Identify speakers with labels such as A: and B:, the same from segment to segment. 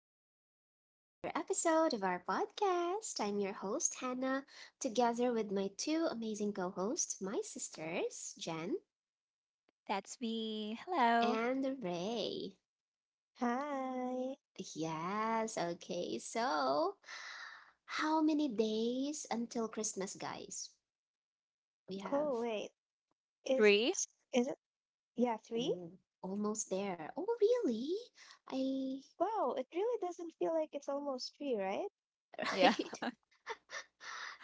A: Welcome back to another episode of our podcast. I'm your host, Hannah, together with my two amazing co hosts, my sisters, Jen
B: That's me. Hello.
A: and Ray.
C: Hi.
A: Yes, okay. So, how many days until Christmas, guys? We have
C: Oh, wait. Is
B: Three?
C: is it? Yeah, three?
A: Oh, almost there. Oh, really? I,
C: Wow, it really doesn't feel like it's almost three, right?
B: Yeah.
A: right?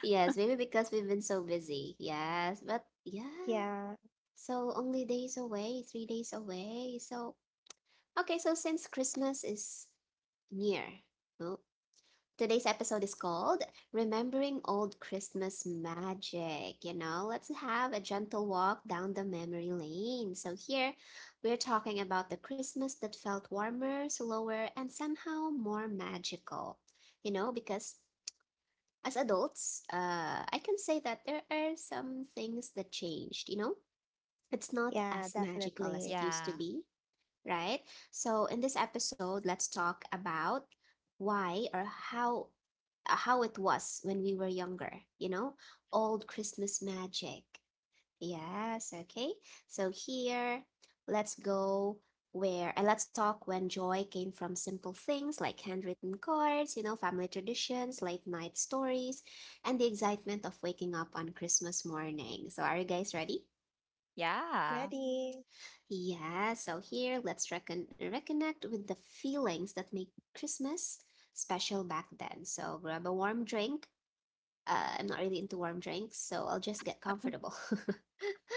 A: Yes, maybe because we've been so busy. Yes, but yeah,
C: Yeah,
A: so only days away, 3 days away. So okay, so since Christmas is near, no? Today's episode is called Remembering Old Christmas Magic. Let's have a gentle walk down the memory lane. So here we're talking about the Christmas that felt warmer, slower, and somehow more magical. Because as adults, I can say that there are some things that changed. It's not
C: yeah,
A: as magical as
C: definitely.
A: it used to
B: Yeah.
A: be, right? So in this episode, let's talk about why or how it was when we were younger, you know, old Christmas magic. Yes, okay. So here, let's go where and let's talk when joy came from simple things like handwritten cards, family traditions, late night stories, and the excitement of waking up on Christmas morning. So are you guys ready?
B: Yeah.
C: Ready?
A: Yeah, so here let's reconnect with the feelings that make Christmas special back then. So grab a warm drink. I'm not really into warm drinks, so I'll just get comfortable.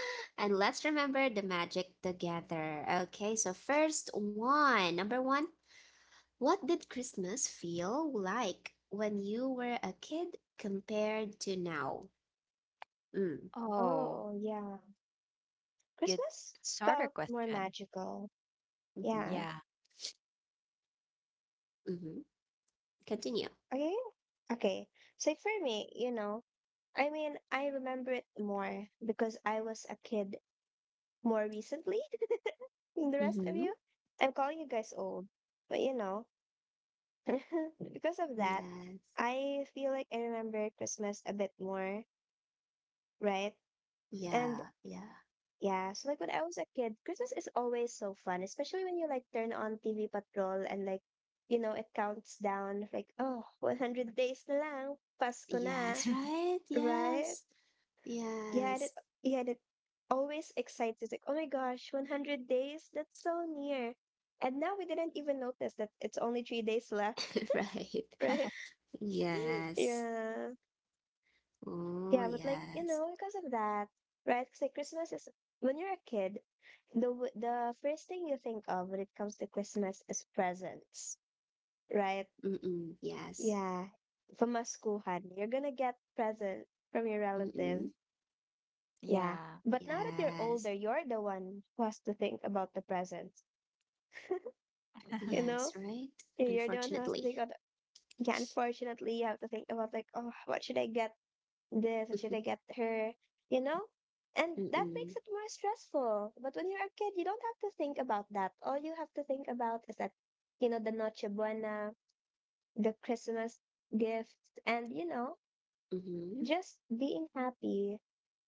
A: And let's remember the magic together. Okay, so first one, number one, what did Christmas feel like when you were a kid compared to now? Mm.
B: Oh,
C: Oh, yeah.
B: good
C: Christmas
B: starter
C: felt more
B: question.
C: magical.
A: Mm-hmm.
C: Yeah.
B: Yeah.
A: Mm-hmm. Continue.
C: Okay. Okay. So for me, you know, I mean, I remember it more because I was a kid more recently than the rest of
A: Mm-hmm.
C: you. I'm calling you guys old, but you know, because of that,
A: Yes.
C: I feel like I remember Christmas a bit more, right? And
A: Yeah. Yeah.
C: yeah, so like when I was a kid, Christmas is always so fun, especially when you like turn on TV Patrol and like, it counts down like, oh, 100 days na lang, Pasko na,
A: Yes, right?
C: right?
A: Yes.
C: Yeah, and
A: Yes.
C: it, yeah, and it always excites us like, oh my gosh, 100 days, that's so near. And now we didn't even notice that it's only 3 days left,
A: Right.
C: right?
A: Yes.
C: Yeah.
A: Oh,
C: Yeah, but like,
A: yes.
C: because of that, right? Because like Christmas is when you're a kid, the first thing you think of when it comes to Christmas is presents, right?
A: Mm-mm. Yes.
C: Yeah. From a school hand, you're gonna get present from your
A: Mm-mm.
C: relatives. Yeah.
B: Yeah.
C: But now that you're
A: Yes.
C: older, you're the one who has to think about the presents. You
A: Yes,
C: know?
A: right?
C: You're the one who has to
A: Unfortunately.
C: think about the- Yeah, unfortunately you have to think about like, oh, what should I get this, what should I get her? You know? And that
A: Mm-mm.
C: makes it more stressful. But when you're a kid, you don't have to think about that. All you have to think about is that, you know, the Noche Buena, the Christmas gifts, and, you know,
A: Mm-hmm.
C: just being happy,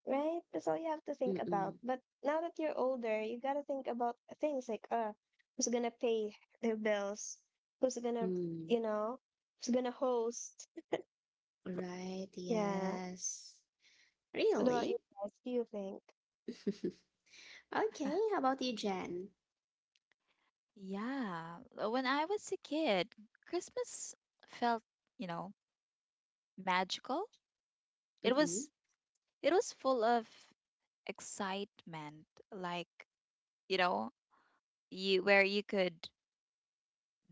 C: right? That's all you have to think about.
A: Mm-mm.
C: But now that you're older, you got to think about things like, who's going to pay their bills? Who's going to,
A: Mm.
C: you know, who's going to host?
A: Right.
C: Yeah.
A: Yes.
C: What about
A: Really?
C: you guys? Do you think?
A: Okay. How about you, Jen?
B: Yeah. When I was a kid, Christmas felt, you know, magical. It
A: Mm-hmm.
B: was it was full of excitement, like, you know, you where you could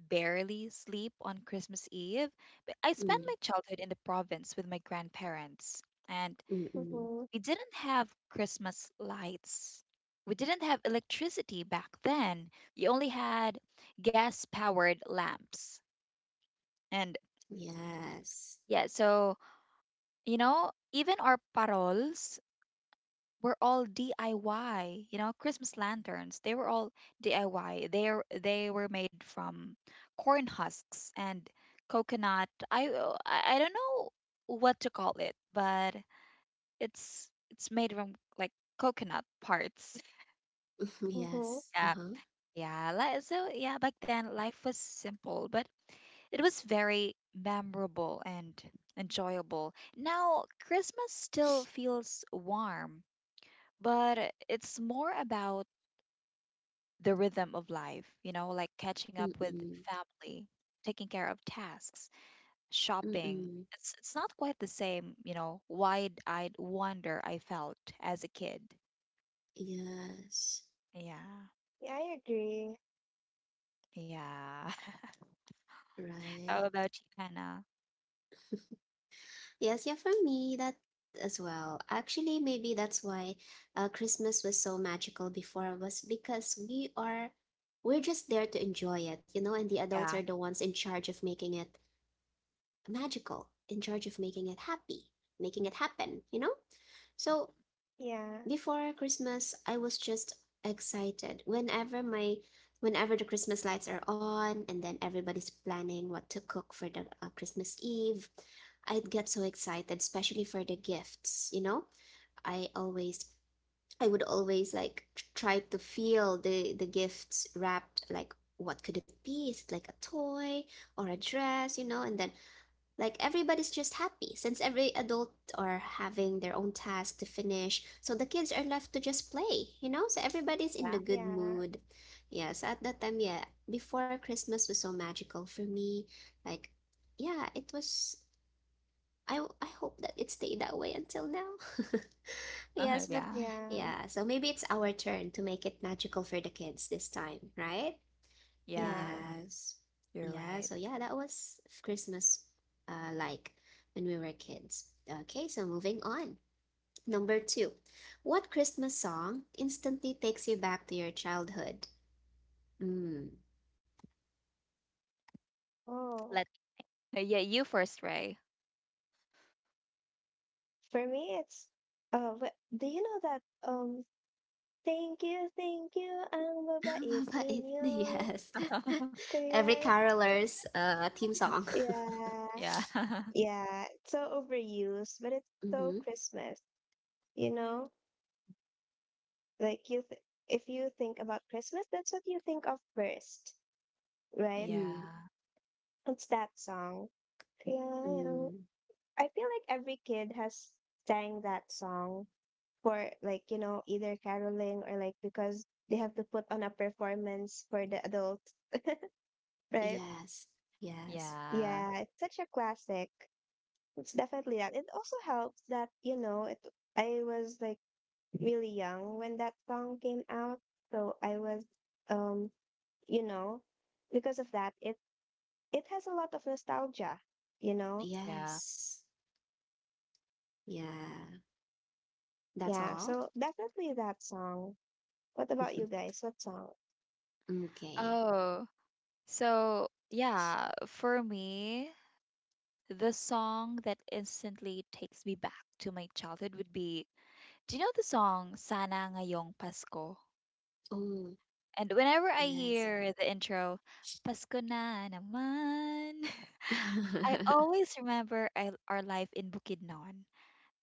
B: barely sleep on Christmas Eve. But I spent my
A: Mm.
B: childhood in the province with my grandparents, and
A: Mm-mm.
C: Mm-hmm.
B: we didn't have Christmas lights. We didn't have electricity back then. You only had gas powered lamps. And
A: Yes.
B: yeah, so, you know, even our parols were all DIY, you know, Christmas lanterns. They were all DIY. They were made from corn husks and coconut. I oh, I don't know what to call it, but it's made from like coconut parts.
A: Yes.
C: Mm-hmm.
A: Uh-huh.
B: Yeah, like so yeah, back then life was simple, but it was very memorable and enjoyable. Now Christmas still feels warm, but it's more about the rhythm of life, you know, like catching up with
A: Mm-mm.
B: family, taking care of tasks, shopping.
A: Mm-mm.
B: It's not quite the same, you know, wide-eyed wonder I felt as a kid.
A: Yes,
B: Yeah.
C: Yeah, I agree.
B: Yeah. How
A: right.
B: about you, Hannah?
A: Yes, yeah, for me, that as well. Actually, maybe that's why Christmas was so magical before was because we're just there to enjoy it, and the adults are
B: Yeah.
A: the ones in charge of making it magical, in charge of making it happy, making it happen. So
C: Yeah,
A: before Christmas, I was just excited. Whenever the Christmas lights are on and then everybody's planning what to cook for the Christmas Eve, I'd get so excited, especially for the gifts, you know? I always I would always like try to feel the gifts wrapped like what could it be? Is it like a toy or a dress, you know? And then like everybody's just happy since every adult are having their own task to finish. So the kids are left to just play, you know? So everybody's in the
B: Mhm.
A: good
C: yeah,
A: mood. Yes, at that time, yeah, before Christmas was so magical for me. Like, yeah, it was. I hope that it stayed that way until now. Yes,
B: Uh-huh,
A: but
B: yeah.
C: yeah,
A: yeah, so maybe it's our turn to make it magical for the kids this time, right?
C: yeah.
B: Yeah.
A: Yes.
B: You're
A: Yeah.
B: right.
A: So yeah, that was Christmas like when we were kids. Okay, so moving on. Number two. What Christmas song instantly takes you back to your childhood? Mm.
C: Oh,
B: Let yeah, you first, Ray.
C: for me, it's do you know that um, thank you, ang babait
A: Mabait.
C: ninyo.
A: Yes. Every
C: Kaya,
A: caroler's theme song.
C: yeah,
B: Yeah.
C: yeah. It's so overused, but it's so
A: Mm-hmm.
C: Christmas. You know, like you, th- if you think about Christmas, that's what you think of first, right?
A: Mm,
B: Yeah.
C: It's that song. Kaya, ang
A: mm.
C: I feel like every kid has sang that song for like, you know, either caroling or like because they have to put on a performance for the adults, right?
A: Yes. Yes.
B: Yeah.
C: Yeah, it's such a classic. It's definitely that. It also helps that, you know, it I was like really young when that song came out. So I was um, you know, because of that, it has a lot of nostalgia, you know?
B: Yeah.
A: Yes. Yeah. That's
C: Yeah,
A: all.
C: so definitely that song. What about you guys? What song?
A: Okay.
B: Oh, so yeah, for me, the song that instantly takes me back to my childhood would be, do you know the song Sana Ngayong Pasko?
A: Oh,
B: And whenever I
A: yes.
B: hear the intro, Pasko na naman, I always remember our life in Bukidnon.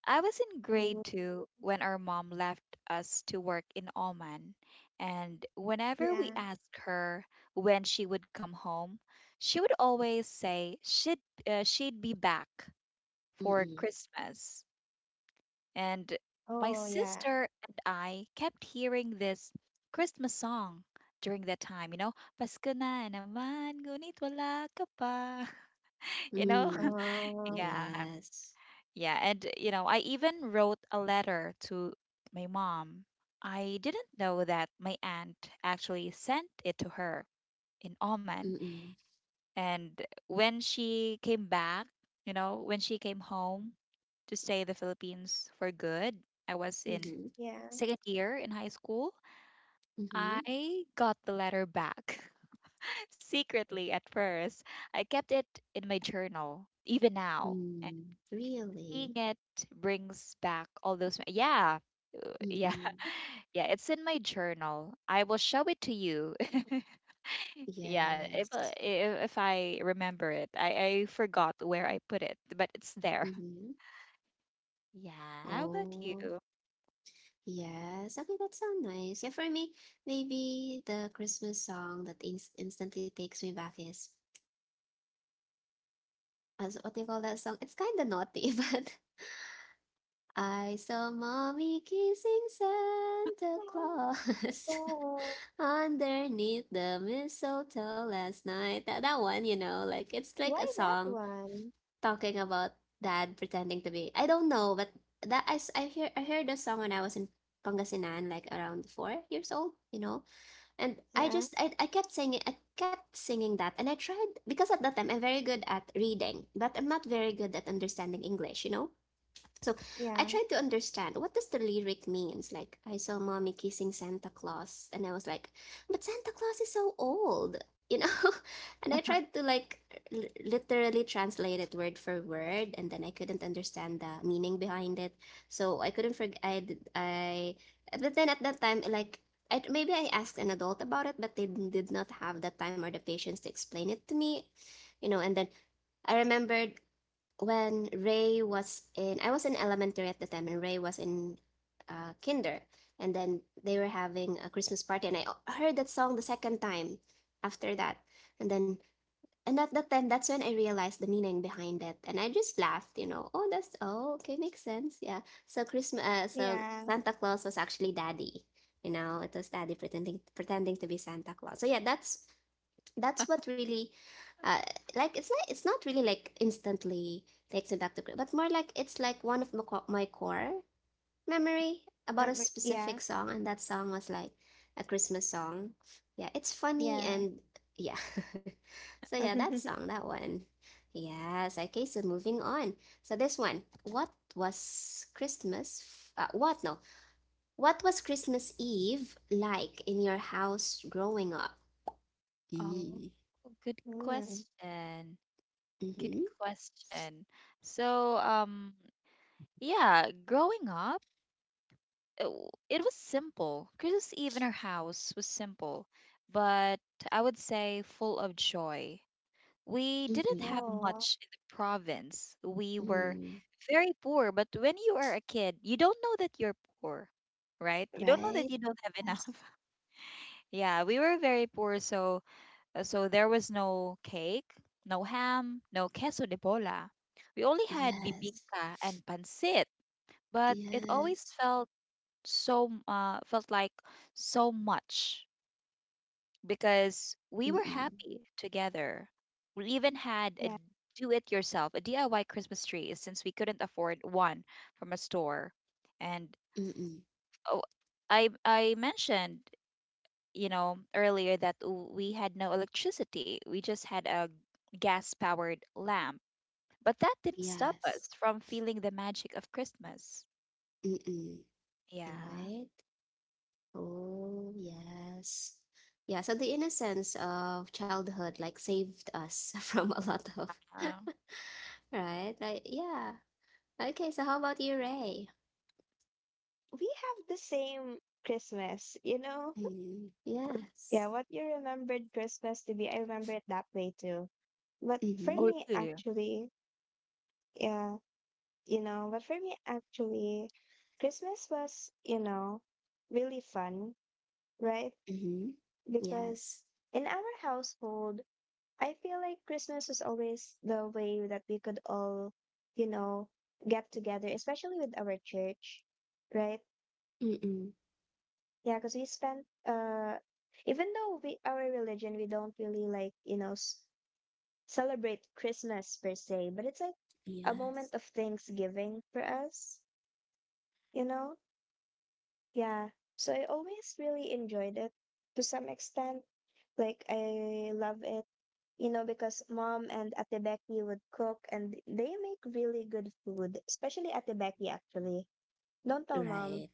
B: I was in
C: Mm.
B: grade two when our mom left us to work in Oman, and whenever we
C: Yeah.
B: asked her when she would come home, she would always say she'd be back for
A: Mm-mm.
B: Christmas. And my
C: Oh, yeah.
B: sister and I kept hearing this Christmas song during that time, you know, Pasko na naman, ngunit wala ka pa. You know?
A: Mm.
C: Oh,
B: Yeah.
A: Yes.
B: Yeah, and you know, I even wrote a letter to my mom. I didn't know that my aunt actually sent it to her in Oman.
A: Mm-mm.
B: And when she came back, you know, when she came home to stay in the Philippines for good, I was in
A: Mm-hmm.
C: yeah.
B: second year in high school.
A: Mm-hmm.
B: I got the letter back secretly at first. I kept it in my journal even now. And
A: Mm.
B: seeing
A: Really?
B: it brings back all those, yeah, yeah,
A: Mm-mm.
B: yeah, it's in my journal. I will show it to you. Yeah, if, uh,
A: Yes.
B: if if I remember it, I forgot where I put it, but it's there.
A: Mm-hmm.
B: Yeah, how about you?
A: Oh, yes. Okay, that sounds nice. Yeah, for me, maybe the Christmas song that instantly takes me back is, as what do you call that song? It's kind of naughty, but I saw mommy kissing Santa Claus.
C: Oh,
A: Underneath the mistletoe last night. That one, you know, like it's like a
C: why that
A: song
C: one?
A: talking about dad pretending to be. I don't know, but that I heard the song when I was in Pangasinan, like around 4 years old, you know. And I
C: Yeah.
A: just I, I kept singing that, and I tried because at that time I'm very good at reading, but I'm not very good at understanding English. So I
C: Yeah.
A: tried to understand what does the lyric means. Like I saw mommy kissing Santa Claus, and I was like, "But Santa Claus is so old, you know." And I tried to like literally translate it word for word, and then I couldn't understand the meaning behind it. So I couldn't forget. I did- I But then at that time, like I maybe I asked an adult about it, but they did not have the time or the patience to explain it to me. And then I remembered when I was in elementary at the time, and Ray was in kinder. And then they were having a Christmas party, and I heard that song the second time after that. And then, and at that time, that's when I realized the meaning behind it, and I just laughed, you know. Oh, that's oh, okay, makes sense, yeah. So
C: Yeah.
A: Santa Claus was actually Daddy, you know. It was Daddy pretending to be Santa Claus. So yeah, that's what really uh, like it's not really like instantly takes me back to Korea, but more like it's like one of my core memory about
C: Um,
A: a
C: yeah.
A: specific song, and that song was like a Christmas song. Yeah, it's funny.
C: Yeah.
A: And yeah. So yeah, that song, that one. Yes, okay, so moving on. So this one, what was christmas f- what no what was Christmas Eve like in your house growing up?
B: Oh,
A: Mm.
B: good
C: Mm.
B: question. Good
A: Mm-hmm.
B: question. So yeah, growing up, it was simple. Christmas Eve in our house was simple, but I would say full of joy. We didn't
A: Mhm.
B: have
C: Oh,
B: much in the province. We were
A: Mhm.
B: very poor, but when you are a kid, you don't know that you're poor, right? You don't know that
A: Right?
B: you don't have
A: Yes.
B: enough. Yeah, we were very poor, so so there was no cake, no ham, no queso de bola. We only had
A: Yes.
B: bibingka and pancit, but it always
A: Yes.
B: felt felt like so much because we were
A: Mm-mm.
B: happy together. We even had a
C: yeah.
B: do it yourself, a DIY Christmas tree since we couldn't afford one from a store. And
A: Mm-mm.
B: oh, I mentioned, you know, earlier that we had no electricity. We just had a gas powered lamp. But that didn't stop
A: Yes.
B: us from feeling the magic of Christmas.
A: Mm-mm.
B: Yeah.
A: Right? Oh, yes. Yeah, so the innocence of childhood like saved us from a lot of,
B: Uh,
A: right? Like, yeah. Okay, so how about you, Ray?
C: We have the same Christmas, you know?
A: Mm-hmm.
C: Yeah,
A: Yes.
C: what you remembered Christmas to be, I remember it that way too. But for
B: oh,
A: Mm-hmm.
C: me,
B: really?
C: actually, yeah, you know, but for me, actually, Christmas was, you know, really fun, right?
A: Mm-hmm.
C: Because
A: Yes.
C: in our household, I feel like Christmas was always the way that we could all, you know, get together, especially with our church, right?
A: Mm-mm.
C: Yeah, because even though we our religion, we don't really like, you know, celebrate Christmas per se, but it's like a
A: Yes.
C: moment of Thanksgiving for us, you know? Yeah. So I always really enjoyed it to some extent. Like I love it, you know, because mom and Ate Becky would cook and they make really good food, especially Ate Becky actually. Don't tell mom,
A: Right.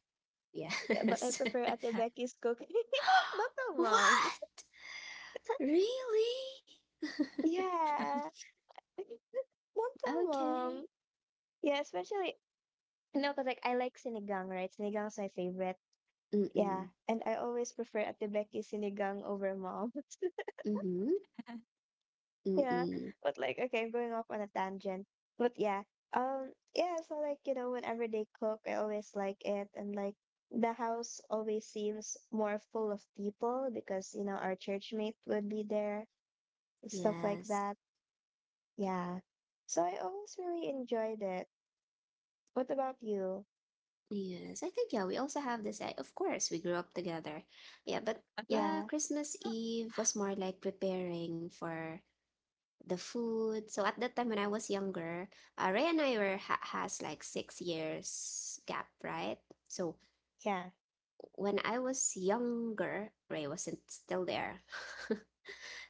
C: but I
A: Yes.
C: prefer Ate Becky's cooking. Don't tell mom.
A: What? Really?
C: Yeah. Don't tell
A: Okay.
C: mom. Yeah, especially, no, because like I like sinigang, right? Sinigang's my favorite. Yeah.
A: Mm-mm.
C: And I always prefer Ate Becky's sinigang over mom.
A: Mm-hmm.
C: Yeah,
A: Mm-mm.
C: but like okay, I'm going off on a tangent. But yeah, yeah. So like you know, whenever they cook, I always like it, and like the house always seems more full of people because you know our church mate would be there and stuff like
A: Yes.
C: that. Yeah, so I always really enjoyed it. What about you?
A: Yes. I think yeah, we also have this. Of course, we grew up together. Yeah, but yeah,
C: Yeah,
A: Christmas Eve was more like preparing for the food. So at that time when I was younger, Ray and I were ha has like 6 years gap, right? So
C: yeah,
A: when I was younger, Ray wasn't still there.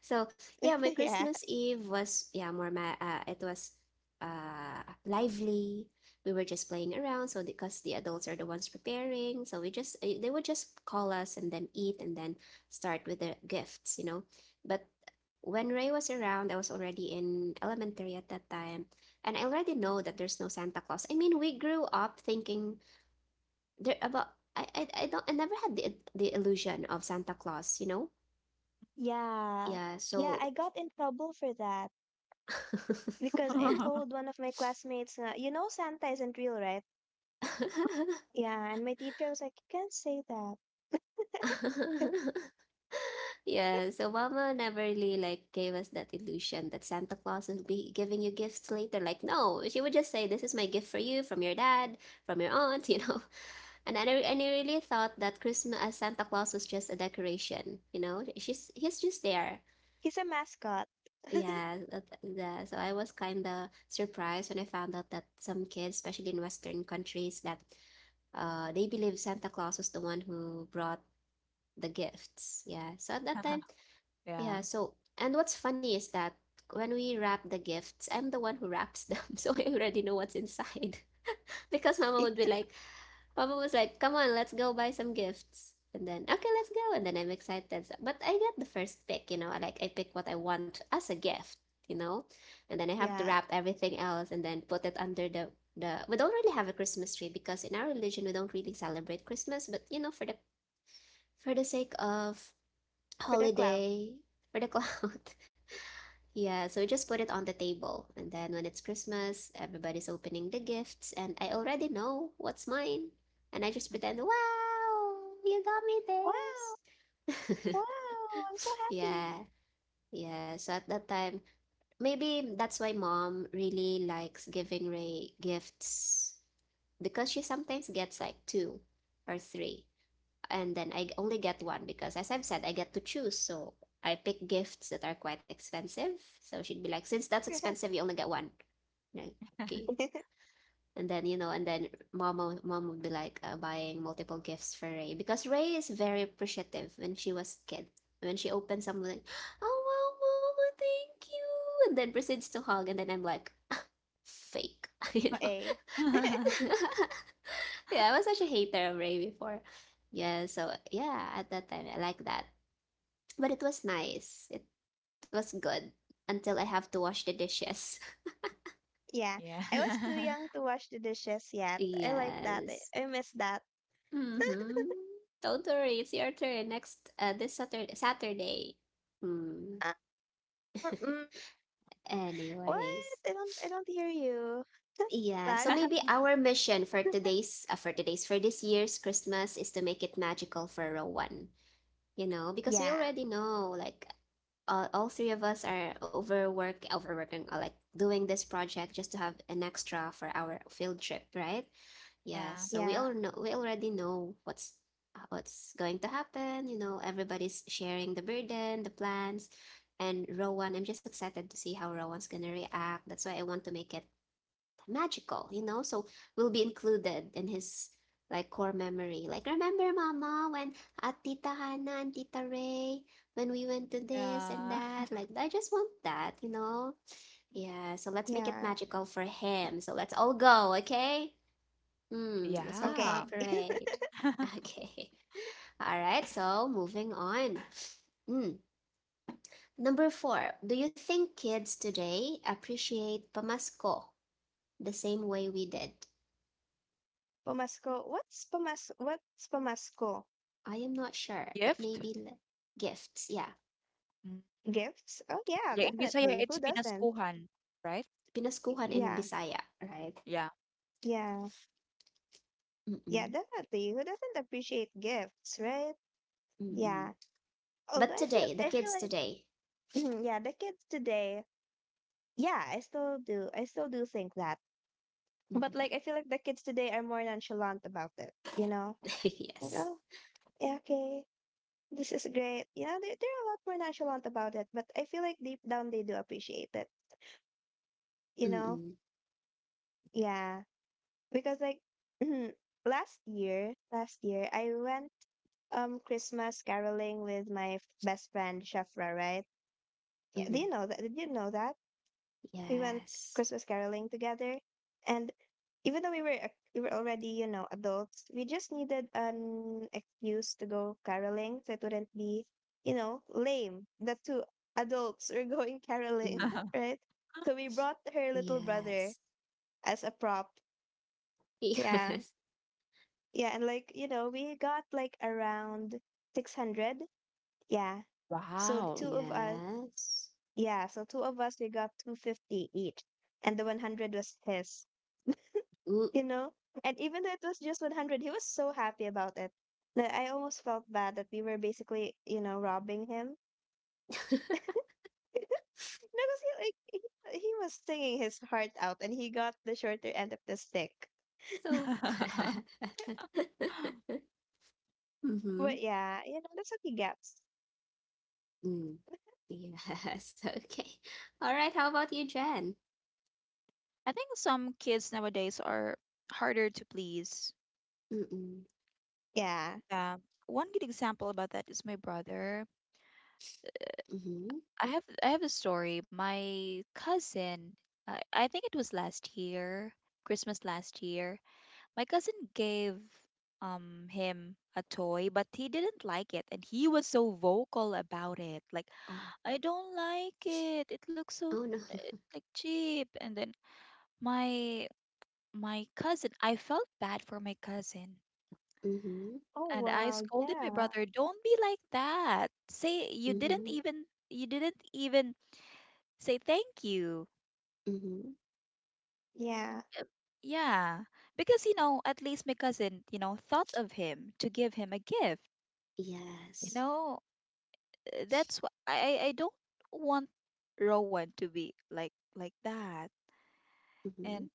A: So yeah, my
C: yeah,
A: Christmas Eve was, yeah, more ma it was lively. We were just playing around, so because the adults are the ones preparing, so they would just call us and then eat and then start with the gifts. But when Ray was around, I was already in elementary at that time, and I already know that there's no Santa Claus. I mean, we grew up thinking there about I never had the illusion of Santa Claus.
C: yeah,
A: Yeah,
C: yeah.
A: so
C: I got in trouble for that because I told one of my classmates, you know, Santa isn't real, right? Yeah, and my teacher was like, "You can't say that."
A: yeah, so mama never really like gave us that illusion that Santa Claus will be giving you gifts later. Like, no, she would just say, this is my gift for you from your dad, from your aunt, you know. And I really thought that Christmas Santa Claus was just a decoration. She's he's just there.
C: He's a mascot.
A: Yeah, so I was kind of surprised when I found out that some kids, especially in Western countries, that they believe Santa Claus was the one who brought the gifts. Yeah. So at that time,
B: Yeah.
A: yeah. So, and what's funny is that when we wrap the gifts, I'm the one who wraps them. So I already know what's inside. Because mama would be like, Mama was like, come on, let's go buy some gifts. And then, okay, let's go. And then I'm excited. But I get the first pick, you know, I pick what I want as a gift, you know? And then I have to
C: Yeah,
A: wrap everything else and then put it under the we don't really have a Christmas tree because in our religion we don't really celebrate Christmas, but for the sake of
C: for the cloud.
A: holiday, for the cloud. Yeah, so just put it on the table. And then when it's Christmas, everybody's opening the gifts, and I already know what's mine. And I just pretend, wow, you got me
C: Wow,
A: this.
C: wow! I'm so
A: Yeah,
C: happy.
A: yeah. So at that time, maybe that's why mom really likes giving Ray gifts because she sometimes gets like two or three and then I only get one because, as I've said, I get to choose. So I pick gifts that are quite expensive. So she'd be like, since that's expensive, you only get one. Like, okay. And then mom mom would be like buying multiple gifts for Ray because Ray is very appreciative when she was a kid. When she opens something, oh wow, Mama, thank you, and then proceeds to hug, and then I'm like, fake. you know.
C: Okay.
A: Yeah, I was such a hater of Ray before. Yeah, so yeah, at that time I like that. But it was nice. It was good until I have to wash the dishes.
C: Yeah,
B: Yeah.
C: I was too young to wash the dishes yet. I like that. I,
A: Yes.
C: I miss that.
A: Mm-hmm. Don't worry, it's your turn next this Saturday. Saturday. Mm.
C: Uh, mm, what?
A: Anyways.
C: I don't hear you.
A: Yeah,
C: Lag?
A: so maybe our mission for today's for today's for this year's Christmas is to make it magical for row 1. Because we
C: Yeah.
A: already know, like, all three of us are overworking, like, doing this project just to have an extra for our field trip, right? Yeah,
B: Yeah.
A: so we
C: Yeah.
A: all know, we already know what's going to happen. You know, everybody's sharing the burden, the plans, and Rowan. I'm just excited to see how Rowan's gonna react. That's why I want to make it magical, you know? So will be included in his like core memory. Like, remember, Mama, when at Tita Hannah and Tita Ray, when we went to this and
B: Yeah.
A: that? Like, I just want that, you know? Yeah, so let's make it
C: Yeah.
A: magical for him. So let's all go, okay? Hmm, let's all
B: Yeah.
C: Okay.
A: cooperate. Okay. All right, so moving on. Mm. Number four, do you think kids today appreciate Pamasko the same way we did?
C: Pumasko. What's pumasko?
A: I am not sure, but
B: Gift?
A: maybe gifts. Yeah.
B: Mm.
C: Gifts? Oh yeah,
B: Yeah, in Bisaya,
C: definitely.
B: it's
C: Who doesn't?
B: pinaskuhan, right?
A: Pinaskuhan in
C: Yeah.
A: Bisaya, right?
B: Yeah.
C: Yeah. Yeah,
A: Mm-mm.
C: definitely. Who doesn't appreciate gifts, right?
B: Mm.
A: Mm-mm.
C: Yeah. Although
A: But
C: I feel
A: today, the
C: I feel
A: kids
C: like
A: today.
C: yeah, the kids today, yeah, I still do. I still do think that But like I
A: Mhm.
C: feel like the kids today are more nonchalant about it, you know? Like,
A: Yes.
C: oh, yeah, okay, this is great. You know, they're a lot more nonchalant about it, but I feel like deep down they do appreciate it, you know?
A: Mm-mm.
C: Yeah. Because like last year I went Christmas caroling with my best friend Shafra, right? Yeah,
A: Mm.
C: do you know that? Did you know that? We went
A: Yes.
C: Christmas caroling together, and even though we were already you know adults, we just needed an excuse to go caroling so it wouldn't be you know lame that two adults were going caroling,
A: Mm.
C: right? So we brought her little brother
A: Yes.
C: as a prop. Yeah,
A: Yes.
C: yeah, and like you know we got like around 600. Yeah, so
B: Wow.
C: two of us.
A: Yes.
C: Yeah, so two of us we got 250 each, and the 100 was his.
A: Ooh.
C: You know? And even though it was just 100, he was so happy about it that I almost felt bad that we were basically, you know, robbing him. Because he was singing his heart out and he got the shorter end of the stick.
A: So bad. Mm-hmm.
C: But yeah, you know, that's what he gets.
A: Mm. Yes. Okay. All right. How about you, Jen?
B: I think some kids nowadays are harder to please.
A: Mm-mm.
C: Yeah.
B: Yeah. One good example about that is my brother.
A: Mm-hmm.
B: I have a story. My cousin, I think it was last year, Christmas last year, my cousin gave him a toy, but he didn't like it and he was so vocal about it. Like,
A: Oh.
B: I don't like it. It looks so
A: Oh no.
B: eh, like cheap. And then my my cousin, I felt bad for my cousin.
A: Mm-hmm.
C: Oh,
B: And I
C: wow.
B: scolded my
C: Yeah.
B: brother, "Don't be like that. Say you didn't
A: Mm-hmm.
B: even say thank you."
A: Mm-hmm.
C: Yeah.
B: Uh, yeah, because you know, at least my cousin, you know, thought of him to give him a gift. You
A: Yes.
B: know, that's why I don't want Rowan to be like that.
A: Mm-hmm.
B: And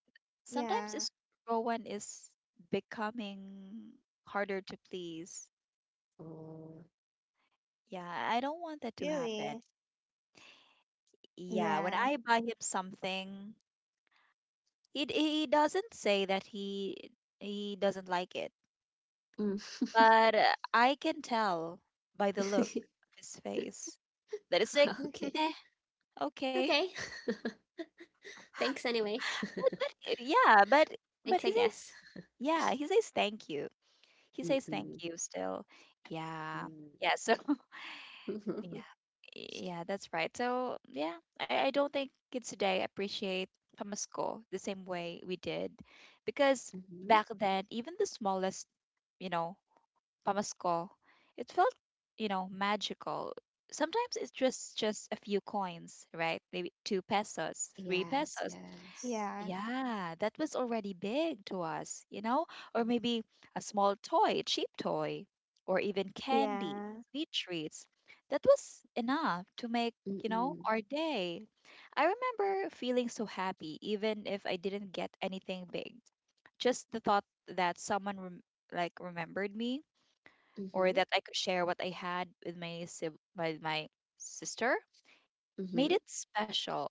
B: sometimes
C: Yeah.
B: it's Rowan is becoming harder to please.
A: Oh.
B: Yeah, I don't want that to happen.
C: Really?
B: Yeah, when
C: Yeah.
B: I buy him something, he doesn't say that he doesn't like it,
A: Mm.
B: but I can tell by the look of his face that it's like,
A: Okay.
B: eh, okay.
A: Okay. Thanks anyway.
B: But, but
A: Thanks,
B: he
A: I
B: says
A: guess.
B: yeah, he says thank you. He says thank
A: Mm-mm.
B: you still. Yeah.
A: Mm.
B: Yeah. So yeah. Yeah, that's right. So yeah, I don't think kids today appreciate Pamasko the same way we did. Because
A: Mm-hmm.
B: back then, even the smallest, you know, Pamasko, it felt, you know, magical. Sometimes it's just a few coins, right? Maybe 2 pesos, three
A: Yes,
B: pesos.
A: yes.
C: Yeah.
B: Yeah, that was already big to us, you know? Or maybe a small toy, a cheap toy, or even candy,
C: Yeah.
B: sweet treats. That was enough to make, you know,
A: Mm-mm.
B: our day. I remember feeling so happy, even if I didn't get anything big. Just the thought that someone rem like remembered me or
A: Mm-hmm.
B: that I could share what I had with my sib with my sister made
A: Mm-hmm.
B: it special.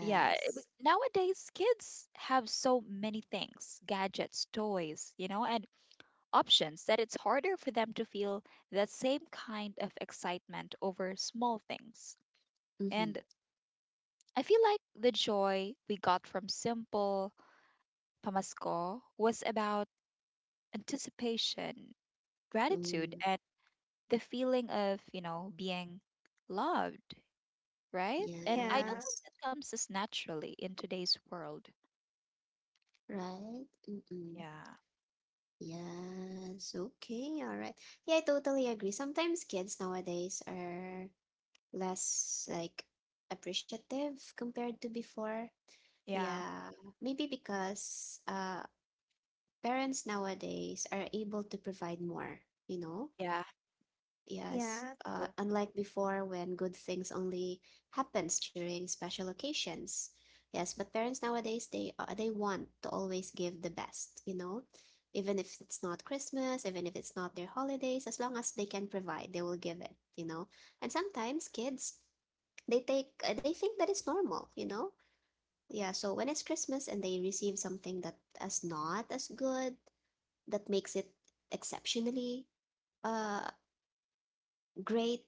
B: But nowadays kids have so many things, gadgets, toys, you know, and options that it's harder for them to feel that same kind of excitement over small things.
A: Mm-hmm.
B: And I feel like the joy we got from simple pamasko was about anticipation, gratitude,
A: Mm.
B: and the feeling of, you know, being loved, right? And I don't
C: Yeah.
A: Yes.
B: think that comes as naturally in today's world.
A: Right? Mm-mm.
B: Yeah.
A: Yes. Okay. All right. Yeah, I totally agree. Sometimes kids nowadays are less, like, appreciative compared to before.
B: Yeah.
A: Yeah, maybe because parents nowadays are able to provide more, you know?
B: Yeah.
A: Yes,
C: Yeah.
B: True.
A: unlike before when good things only happens during special occasions. Yes, but parents nowadays, they want to always give the best, you know? Even if it's not Christmas, even if it's not their holidays, as long as they can provide, they will give it, you know? And sometimes kids, they think that it's normal, you know. Yeah, so when it's Christmas and they receive something that is not as good, that makes it exceptionally uh great,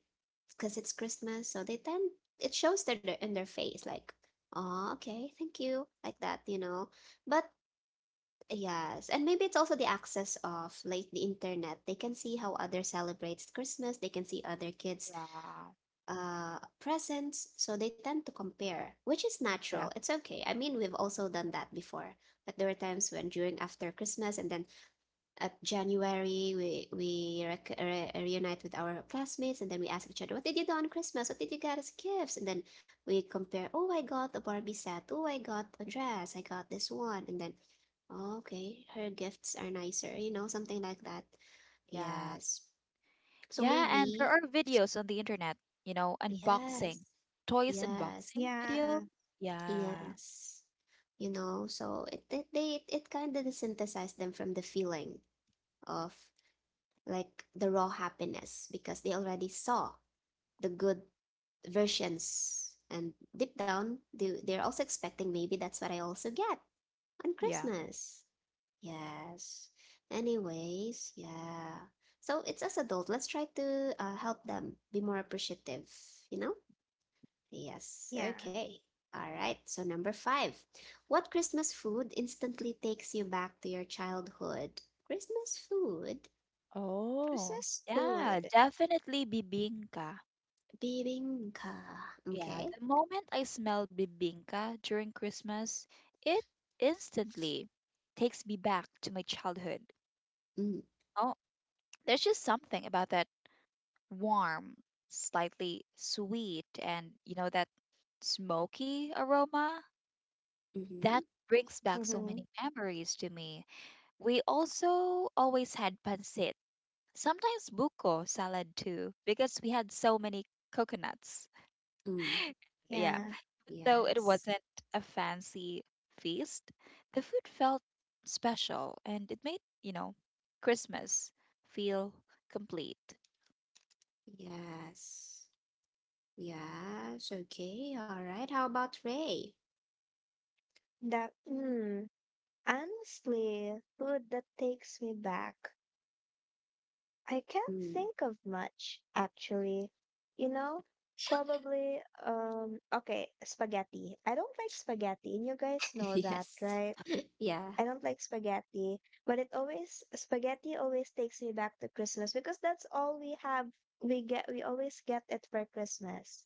A: because it's Christmas. So they tend, it shows in their face, like, oh, okay, thank you, like that, but yes. And maybe it's also the access of, like, the internet. They can see how others celebrates Christmas. They can see other kids
B: Yeah.
A: presents, so they tend to compare, which is natural.
B: Yeah.
A: It's okay. I mean, we've also done that before. But there were times when during after Christmas and then at January, reunite with our classmates, and then we ask each other, what did you do on Christmas? What did you get as gifts? And then we compare. Oh, I got a Barbie set. Oh, I got a dress. I got this one. And then, oh, okay, her gifts are nicer. You know, something like that.
B: Yeah.
A: Yes. So
B: Yeah, and there
A: maybe
B: are videos on the internet, you know,
A: yes.
B: unboxing, toys
A: Yes.
B: unboxing
C: Yeah.
B: videos. Yeah.
A: Yes. You know, so it kind of desynthesized them from the feeling of, like, the raw happiness, because they already saw the good versions, and deep down they're also expecting, maybe that's what I also get on
B: Yeah.
A: Christmas. Yes. Anyways, yeah. So it's as adult, let's try to help them be more appreciative, you know? Yes,
C: Yeah.
A: okay. All right, so number five. What Christmas food instantly takes you back to your childhood? Christmas food?
B: Oh.
C: Christmas
B: Yeah,
C: food.
B: definitely bibingka.
A: Bibingka.
B: Yeah,
A: Okay.
B: the moment I smell bibingka during Christmas, it instantly takes me back to my childhood.
A: Mm,
B: Oh, there's just something about that warm, slightly sweet, and you know, that smoky aroma
A: mm-hmm.
B: that brings back so
C: Mm-hmm.
B: many memories to me. We also always had pancit, sometimes buko salad too, because we had so many coconuts.
A: Mm.
B: Yeah,
C: Yeah.
B: though it
A: Yes.
B: wasn't a fancy feast, the food felt special and it made, you know, Christmas feel complete.
A: Yes. Yes. Okay. All right. How about Ray?
C: That, mm, honestly, food that takes me back. I can't
A: Mm.
C: think of much, actually. You know, probably, okay, spaghetti. I don't like spaghetti, and you guys know that,
A: Yes.
C: right?
A: Yeah.
C: I don't like spaghetti, but spaghetti always takes me back to Christmas because that's all we have. We always get it for Christmas,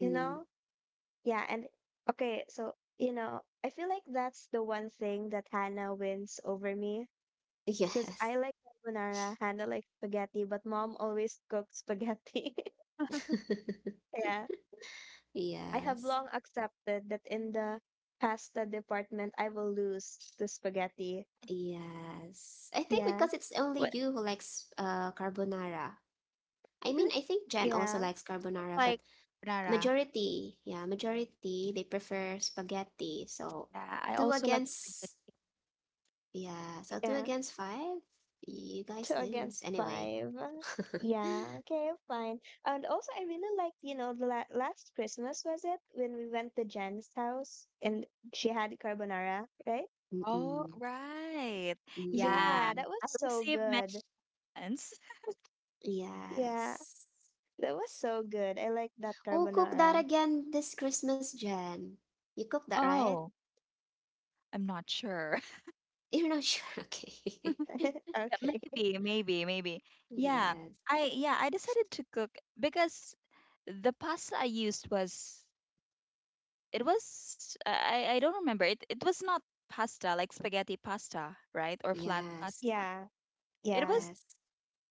C: you know? Yeah, and okay, so you know, I feel like that's the one thing that Hannah wins over me because
A: Yes.
C: I like carbonara, Hannah likes spaghetti, but mom always cooks spaghetti. Yeah, I have
A: Yes.
C: long accepted that in the pasta department, I will lose to spaghetti.
A: Yes. I think
C: Yeah,
A: because it's only
C: what?
A: you who likes carbonara. I mean, I think Jen also
C: Yeah,
A: likes carbonara, but
B: Like, Nara.
A: majority, yeah, majority they prefer spaghetti. So
B: Yeah, I
A: two
B: also like spaghetti.
A: against, yeah, so two
C: yeah.
A: against five, you
C: Two
A: guys lose
C: against
A: anyway.
C: five. Yeah, okay, fine. And also, I really liked, you know, the la last Christmas, was it? When we went to Jen's house and she had carbonara, right?
B: Oh,
A: Mm-mm,
B: right. Yeah.
C: Yeah,
A: mm-mm.
C: that was
B: I
C: so
B: received many
C: good.
B: hints.
C: Yeah,
A: Yes.
C: that was so good. I like that
A: Oh, cook that
C: carbonara.
A: again this Christmas, Jen. You cook that, right?
B: Oh, I'm not sure.
A: You're not sure, okay?
B: Yeah,
C: Okay.
B: maybe, maybe, maybe. Yeah.
A: Yes,
B: I yeah, I decided to cook because the pasta I used was it was I don't remember. It was not pasta like spaghetti pasta, right? Or flat
A: yes,
B: pasta.
C: Yeah,
B: It
C: yeah.
B: was
A: yes.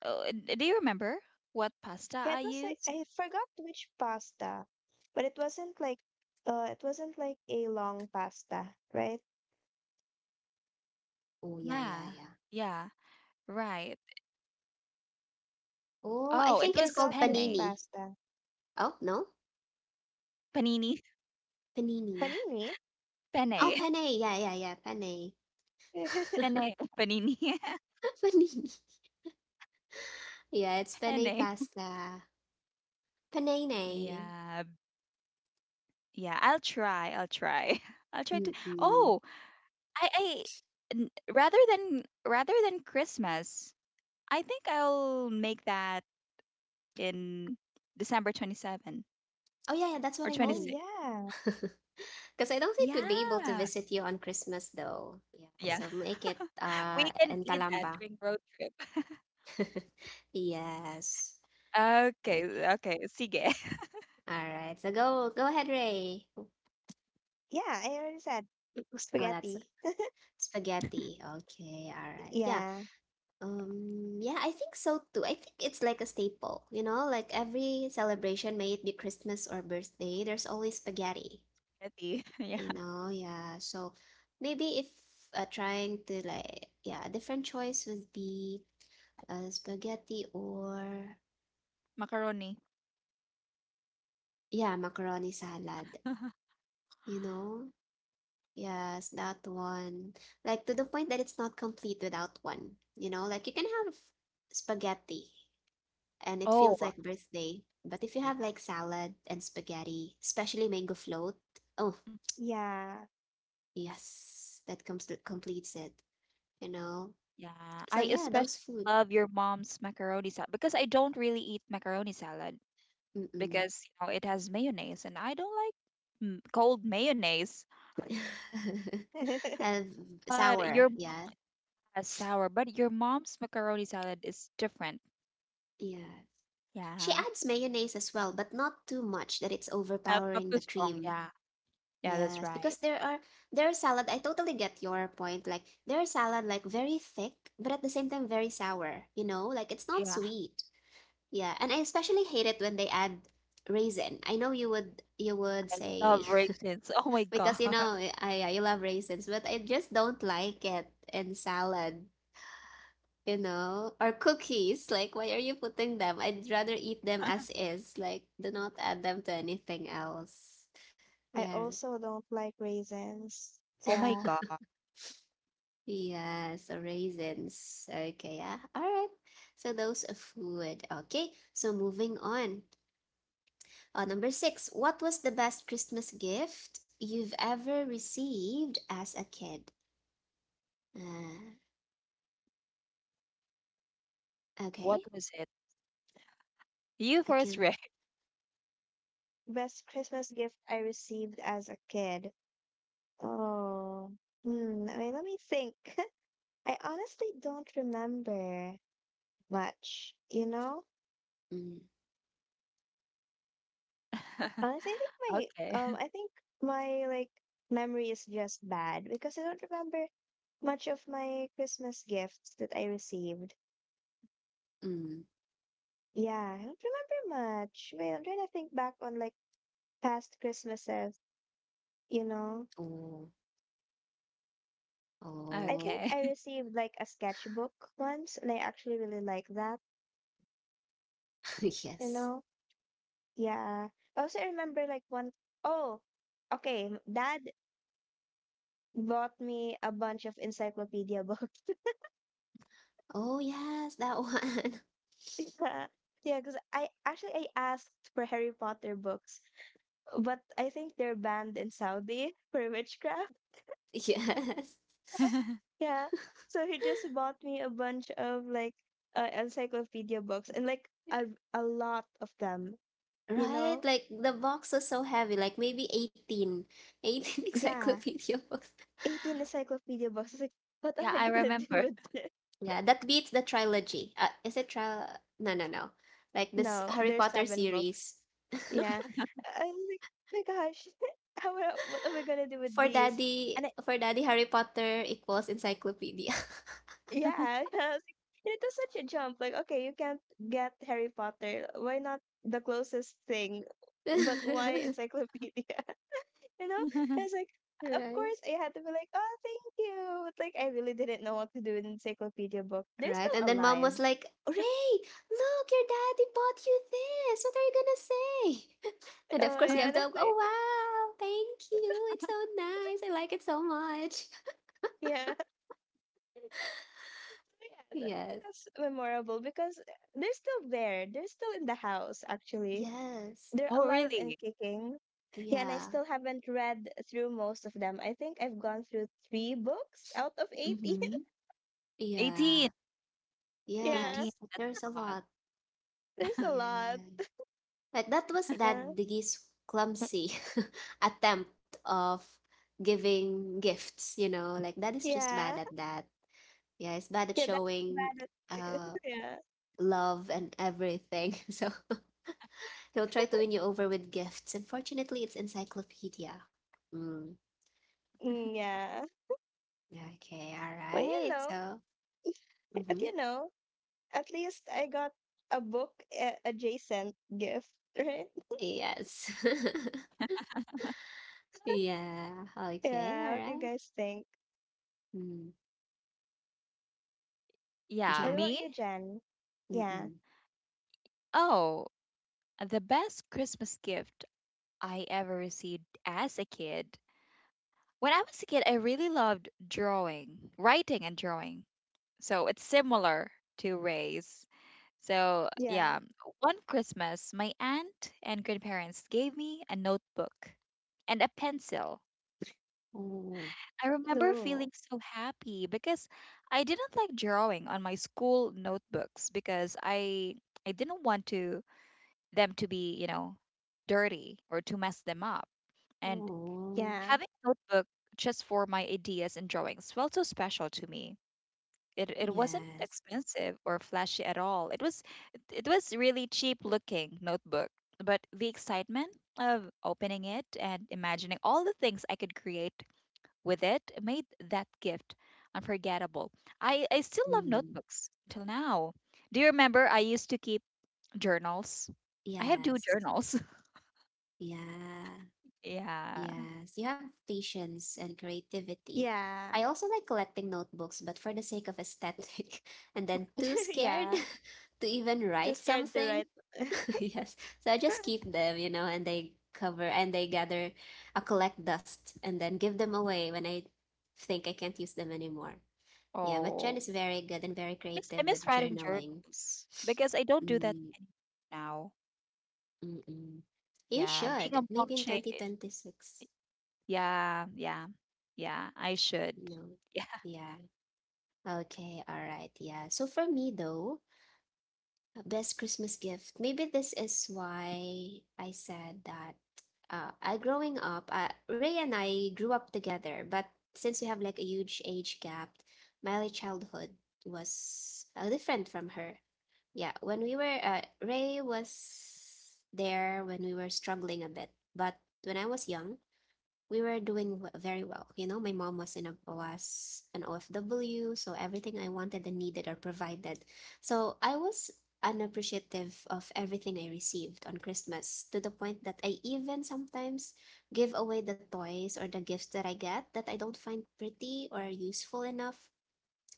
B: oh, do you remember what pasta
C: Yeah,
B: I
C: it was like
B: used?
C: I forgot which pasta, but it wasn't like a long pasta, right?
B: Yeah.
A: Oh, yeah, yeah,
B: Yeah,
A: yeah.
B: right. Oh, it
A: Oh,
B: was
A: I
C: I
A: think it's
B: penne.
C: forgot
A: called
C: which
A: panini.
C: pasta.
A: Oh, no?
B: Panini.
A: Panini.
C: Panini?
B: Penne.
A: Oh, penne. Yeah, yeah, yeah. Penne.
B: Penne. Panini.
A: Panini. Yeah, it's penne
B: Penne.
A: pasta. Panene.
B: Yeah. Yeah, I'll try. I'll try. I'll try to
A: Mm-mm.
B: oh, I I rather than Christmas, I think I'll make that in December 27
A: Oh, yeah, yeah, that's
B: or
A: what I
C: Oh
A: mean.
B: 26.
C: yeah.
A: Because I don't think we'd be able to
B: Yeah.
A: visit you on Christmas, though. Yeah,
B: Yeah.
A: so make it
B: We can
A: in
B: eat that
A: Calamba.
B: during road trip.
A: Yes.
B: Okay,
A: Okay.
B: okay. Sige.
A: All right. So go ahead, Ray.
C: Yeah, I already said
A: Oh, that's
C: spaghetti.
A: spaghetti. Okay. All right. Yeah.
C: Yeah.
A: Yeah, I think so too. I think it's, like, a staple, you know, like every celebration, may it be Christmas or birthday, there's always spaghetti,
B: Spaghetti.
A: you
B: Yeah.
A: know, yeah. So maybe if trying to, like, yeah, a different choice would be spaghetti or,
B: Macaroni.
A: yeah, macaroni salad, you know. Yes, that one. Like, to the point that it's not complete without one, you know, like you can have spaghetti, and it
B: Oh,
A: feels like birthday. But if you have like salad and spaghetti, especially mango float, oh
C: Yeah.
A: yes, that completes it, you know.
B: yeah, I
A: So yeah,
B: especially
A: those food.
B: love your mom's macaroni salad because I don't really eat macaroni salad
A: Mm-mm.
B: because you know it has mayonnaise and I don't like cold mayonnaise.
C: I
A: Have
B: But
A: sour,
B: your mom
A: yeah,
B: has sour, but your mom's macaroni salad is different.
A: yeah. She
B: Yeah,
A: adds mayonnaise as well, but not too much that it's
B: not
A: overpowering
B: too
A: the
B: strong.
A: cream.
B: Yeah, yeah,
A: Yes,
B: that's
A: because
B: right.
A: there are salad. I totally get your point. Like, there are salad like very thick, but at the same time very sour. You know, like it's not
B: Yeah,
A: sweet, yeah, and I especially hate it when they add raisin. I know you would
B: I
A: say,
B: love raisins. Oh my
A: because,
B: god.
A: you know, I you love raisins, but I just don't like it in salad, you know, or cookies. Like, why are you putting them? I'd rather eat them as is. Like, do not add them to anything else. Yeah.
C: also don't like raisins.
B: Oh my
C: Yeah.
B: god.
A: Yeah, so raisins. Okay, yeah. All right. So those are food. Okay. So moving on. Number six, what was the best Christmas gift you've ever received as a kid? Uh,
B: What
A: okay,
B: was it? You
A: I
B: first
A: can.
B: read.
C: Best Christmas gift I received as a kid. Oh. Hmm. I mean, let me think. I honestly don't remember much, you know?
A: Mm,
C: Honestly, I think my
B: Okay.
C: um I think my memory is just bad because I don't remember much of my Christmas gifts that I received.
A: mm,
C: Yeah, I don't remember much. Well, I'm trying to think back on like past Christmases, you know.
A: oh,
C: I
A: oh,
C: think
B: Okay.
C: I received like a sketchbook once, and I actually really like that, you
A: yes.
C: know. Yeah. Also, I remember like one oh, okay, m- Dad bought me a bunch of encyclopedia books.
A: Oh, yes, that one.
C: Yeah. Yeah, because I asked for Harry Potter books, but I think they're banned in Saudi for witchcraft.
A: Yes.
C: Yeah. So he just bought me a bunch of like encyclopedia books and a, a lot of them, you
A: Right?
C: know?
A: Like, the box was so heavy, like maybe 18, 18
C: Yeah.
A: encyclopedia books.
C: 18 encyclopedia books. I was like, what
B: Yeah,
C: am I
B: I
C: gonna do
B: remember.
C: with this?
A: Yeah, that beats the trilogy. Is it tri? No, no, no. Like, this
C: No,
A: Harry
C: there's
A: Potter
C: 7 books.
A: series.
C: Yeah. I was like, "Oh my gosh, how am what am I gonna do with
A: For
C: these?
A: daddy
C: And I,
A: for daddy, Harry Potter equals encyclopedia.
C: yeah, I was like, and it was such a jump. Like, okay, you can't get Harry Potter. Why not the closest thing? But why encyclopedia? You know? And I was like, of
A: Right.
C: course, I had to be like, oh, thank you. Like, I really didn't know what to do with encyclopedia book. They're
A: Right. And
C: still
A: then mom
C: alive.
A: was like, Ray, look, your daddy bought you this. What are you gonna say? And
C: Oh,
A: of course
C: yeah.
A: you have
C: And I'm
A: to, oh
C: like,
A: wow, thank you. It's so nice. I like it so much.
C: yeah. So, yeah, I think
A: Yes.
C: that's memorable because they're still there. They're still in the house, actually.
A: Yes.
C: They're
B: Oh,
C: alive and
B: really?
C: kicking. Yeah, and I
A: Yeah.
C: still haven't read through most of them. I think I've gone through three books out of 18.
A: Mm-hmm. Yeah.
B: 18.
C: Yeah,
B: 18,
A: Yes.
B: that's
A: There's a
B: a lot.
A: lot.
C: there's a lot.
A: Yeah. Like, that was
C: Yeah.
A: that Diggy's clumsy attempt of giving gifts, you know, like, that is just
C: Yeah.
A: bad at that. Yeah, it's bad at
C: Yeah, that's
A: showing
C: bad.
A: uh
C: Yeah.
A: love and everything. So he'll try to win you over with gifts. Unfortunately, it's encyclopedia. Mm.
C: Mm, yeah.
A: Okay, all
C: Well, you
A: right.
C: know,
A: So,
C: at
A: mm-hmm.
C: you know, at least I got a adjacent gift, right?
A: Yes. Yeah. Okay, all
C: Yeah. What do you
A: right.
C: guys think?
A: Mm.
B: Yeah,
C: What
A: Jan.
C: about
B: me?
C: you, Jen? Yeah.
A: Mm-mm.
B: Oh, the best Christmas gift I ever received as a kid. When I was a kid, I really loved drawing, writing and drawing. So it's similar to Ray's. So,
C: Yeah.
B: yeah, one Christmas, my aunt and grandparents gave me a notebook and a pencil.
A: Oh,
B: I remember
C: No.
B: feeling so happy because I didn't like drawing on my school notebooks because I didn't want to them to be, you know, dirty or to mess them up. And
A: oh,
C: Yeah.
B: having a notebook just for my ideas and drawings felt so special to me. It wasn't
A: yes.
B: expensive or flashy at all. It was it was really cheap looking notebook, but the excitement of opening it and imagining all the things I could create with it made that gift unforgettable. I still love
A: Mm,
B: notebooks till now. Do you remember I used to keep journals? I have two
A: yes.
B: journals.
A: Yeah.
B: Yeah.
A: Yes. You have patience and creativity.
C: Yeah.
A: I also like collecting notebooks, but for the sake of aesthetic, and then too scared
C: yeah.
A: to even
C: Too
A: write
C: scared to
A: something.
C: write.
A: Yes. So I just keep them, you know, and they cover and they gather, I collect dust and then give them away when I think I can't use them anymore. Yeah, but Jen
B: Oh.
A: is very good and very
B: I
A: creative
B: miss
A: with
B: writing
A: journaling.
B: journals because I don't do that
A: Mm.
B: anymore now.
A: Mm-mm. You
B: Yeah. Being
A: should.
B: a mom
A: Maybe in
B: change
A: 2026.
B: yeah, yeah. Yeah. I should.
A: No.
B: Yeah.
A: Yeah. Okay. All right. Yeah. So for me, though, best Christmas gift, maybe this is why I said that I growing up, Ray and I grew up together, but since we have like a huge age gap, my childhood was different from her. Yeah. Ray was there when we were struggling a bit, but when I was young, we were doing very well. You know, my mom was in a was an OFW, so everything I wanted and needed are provided. So I was unappreciative of everything I received on Christmas to the point that I even sometimes give away the toys or the gifts that I get that I don't find pretty or useful enough,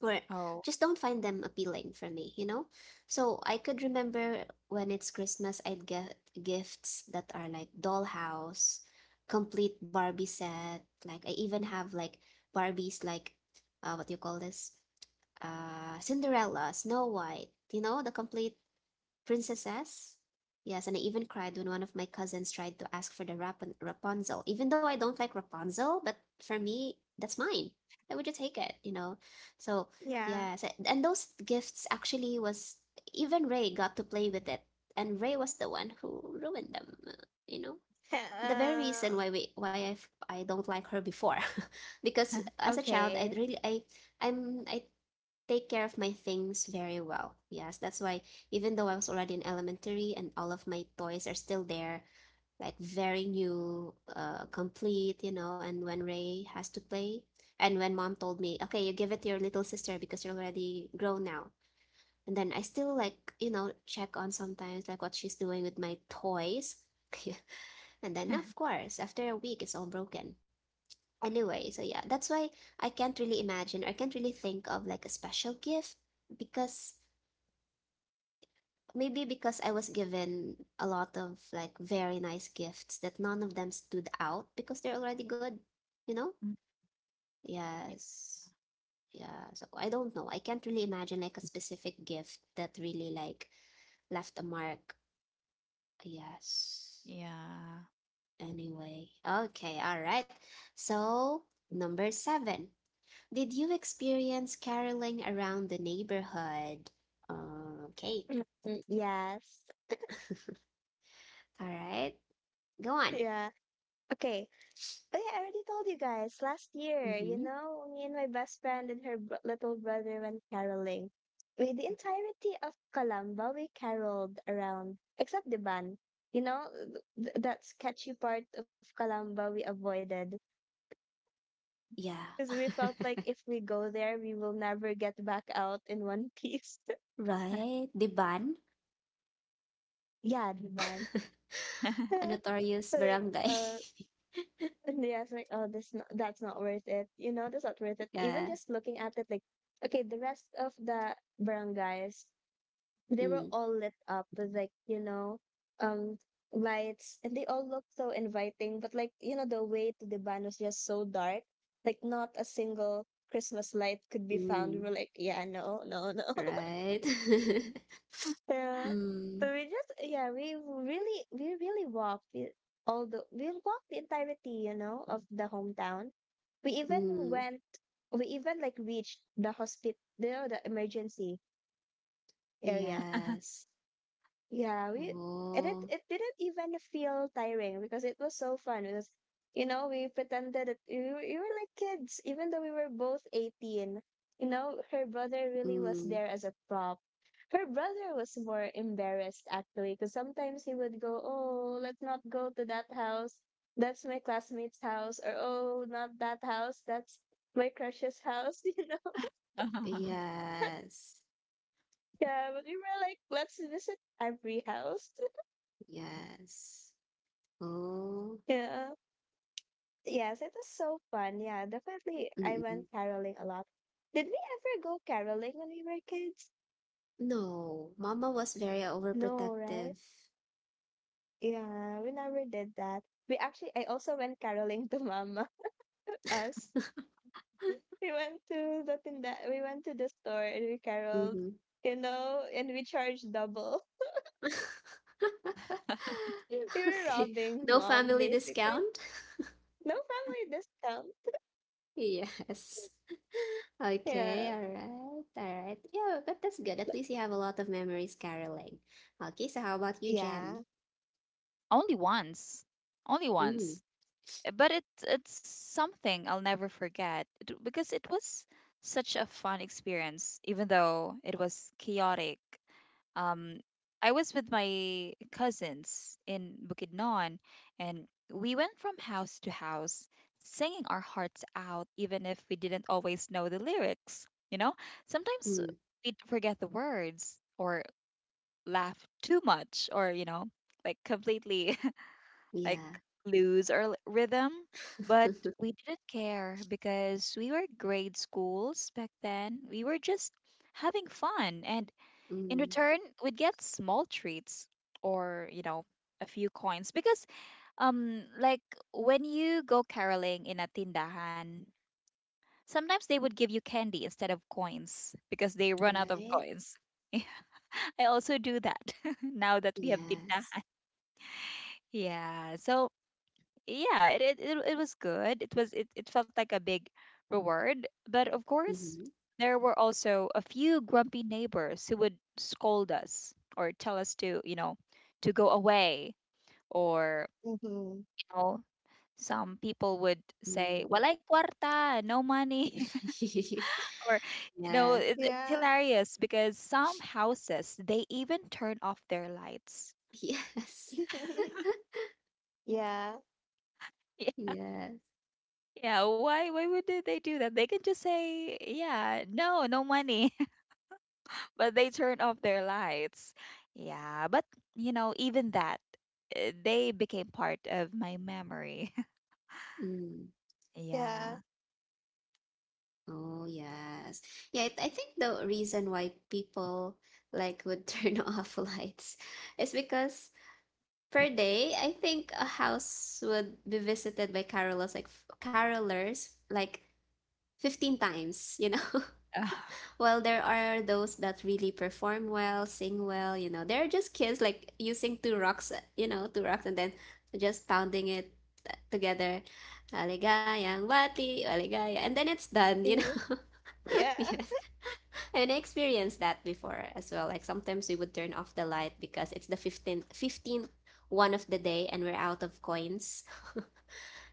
A: or
B: Oh.
A: just don't find them appealing for me, you know? So I could remember when it's Christmas, I'd get gifts that are like dollhouse, complete Barbie set. Like, I even have like Barbies, like, what do you call this? Cinderella, Snow White, you know, the complete princesses. Yes, and I even cried when one of my cousins tried to ask for the Rapunzel. Even though I don't like Rapunzel, but for me, that's mine. I would just take it, you know. So
C: Yeah.
A: yes, and those gifts actually was even Ray got to play with it, and Ray was the one who ruined them, you know. The very reason
C: Uh,
A: why we why I f- I don't like her before, because as a child
C: okay.
A: I'm I take care of my things very well. Yes, that's why even though I was already in elementary and all of my toys are still there, like very new, complete, you know, and when Ray has to play, and when mom told me, okay, you give it to your little sister because you're already grown now. And then I still like, you know, check on sometimes like what she's doing with my toys. And then of course, after a week it's all broken. Anyway, so yeah, that's why I can't really imagine or I can't really think of like a special gift because maybe because I was given a lot of like very nice gifts that none of them stood out because they're already good, you know? Yes. Yeah. So I don't know. I can't really imagine like a specific gift that really like left a mark. Yes.
B: Yeah.
A: Anyway. Okay. All right. So, number seven. Did you experience caroling around the neighborhood? Okay.
C: Yes.
A: All right. Go on.
C: Yeah. Okay. Oh yeah, I already told you guys last year, you
A: Mm-hmm.
C: know, me and my best friend and her br little brother went caroling. With the entirety of Calamba, we caroled around, except Diban. You know, that sketchy part of Calamba we avoided
A: Yeah.
C: because we felt like if we go there, we will never get back out in one piece.
A: Right, the ban?
C: Yeah, Diban.
A: A notorious
C: Like,
A: barangay.
C: uh, And yes, like, oh, this not, that's not worth it. You know, that's not worth it. Even
A: Yeah.
C: just looking at it, like, okay, the rest of the barangays, they were
A: Mm,
C: all lit up with like, you know, um, lights, and they all looked so inviting. But like, you know, the way to the ban was just so dark. Like, not a single Christmas light could be found. We
A: mm,
C: were like, yeah, no, no, no.
A: right.
C: Yeah. So
A: Mm,
C: we just yeah, we really walked we walked the entirety, you know, of the hometown. We even
A: mm,
C: went we even like reached the hospital the emergency area.
A: yes.
C: Yeah, we — and it
A: Oh,
C: it didn't even feel tiring because it was so fun because you know we pretended that we were like kids even though we were both 18. You know, her brother really was
A: mm,
C: there as a prop. Her brother was more embarrassed actually because sometimes he would go, "Oh, let's not go to that house. That's my classmate's house," or "Oh, not that house. That's my crush's house." You know?
A: yes.
C: Yeah, but we were like, "Let's visit every house."
A: Yes. Oh,
C: Yeah. Yes, it was so fun. Yeah, definitely. I
A: mm-mm.
C: went caroling a lot. Did we ever go caroling when we were kids?
A: No, mama was very
C: No, right?
A: overprotective.
C: Yeah, we never did that. We actually, I also went caroling to Mama. Us, we went to the tinda, we went to the store and we caroled,
A: Mm-hmm.
C: you know, and we charged double. We were
A: Okay.
C: robbing
A: No
C: mom,
A: family
C: basically.
A: discount?
C: No family discount.
A: Yes.
C: Yeah.
A: Okay, all right, all right. Yeah, but that's good. At least you have a lot of memories, caroling. Okay, so how about you, Jen?
C: Yeah.
B: Only once. Only
A: Mm,
B: once. But it's something I'll never forget it, because it was such a fun experience, even though it was chaotic. Um, I was with my cousins in Bukidnon, and we went from house to house singing our hearts out, even if we didn't always know the lyrics. Sometimes
A: mm,
B: we'd forget the words or laugh too much, or like completely like
A: yeah.
B: lose our rhythm, but we didn't care because we were grade schools back then. We were just having fun, and in
A: Mm,
B: return, we'd get small treats or, a few coins because like when you go caroling in a tindahan, sometimes they would give you candy instead of coins because they run out of
A: right?
B: coins. I also do that. Now that we have
A: Yes.
B: tindahan, yeah. So yeah, it was good. It was it felt like a big reward, but of course
A: Mm-hmm.
B: there were also a few grumpy neighbors who would scold us or tell us to, you know, to go away, or
C: Hmm.
B: you know, some people would say
A: Mm.
B: walay kwarta, no money. Or it's
C: Yeah.
B: hilarious because some houses, they even turn off their lights.
A: Yes, yes,
C: yeah.
A: yes.
B: Yeah, why would they do that? They can just say, yeah, no money, but they turned off their lights. Yeah, but you know, even that, they became part of my memory.
A: Mm.
C: Yeah.
B: Yeah.
A: Oh, yes. Yeah, I think the reason why people like would turn off lights is because per day, I think a house would be visited by carolers like 15 times, you know.
B: Ugh,
A: While there are those that really perform well, sing well, you know. They're just kids like using two rocks, you know, two rocks and then just pounding it together. Aligayang bati, aligaya. And then it's done, you know.
C: Yeah.
A: Yes. And I experienced that before as well. Like sometimes we would turn off the light because it's the 15th one of the day and we're out of coins.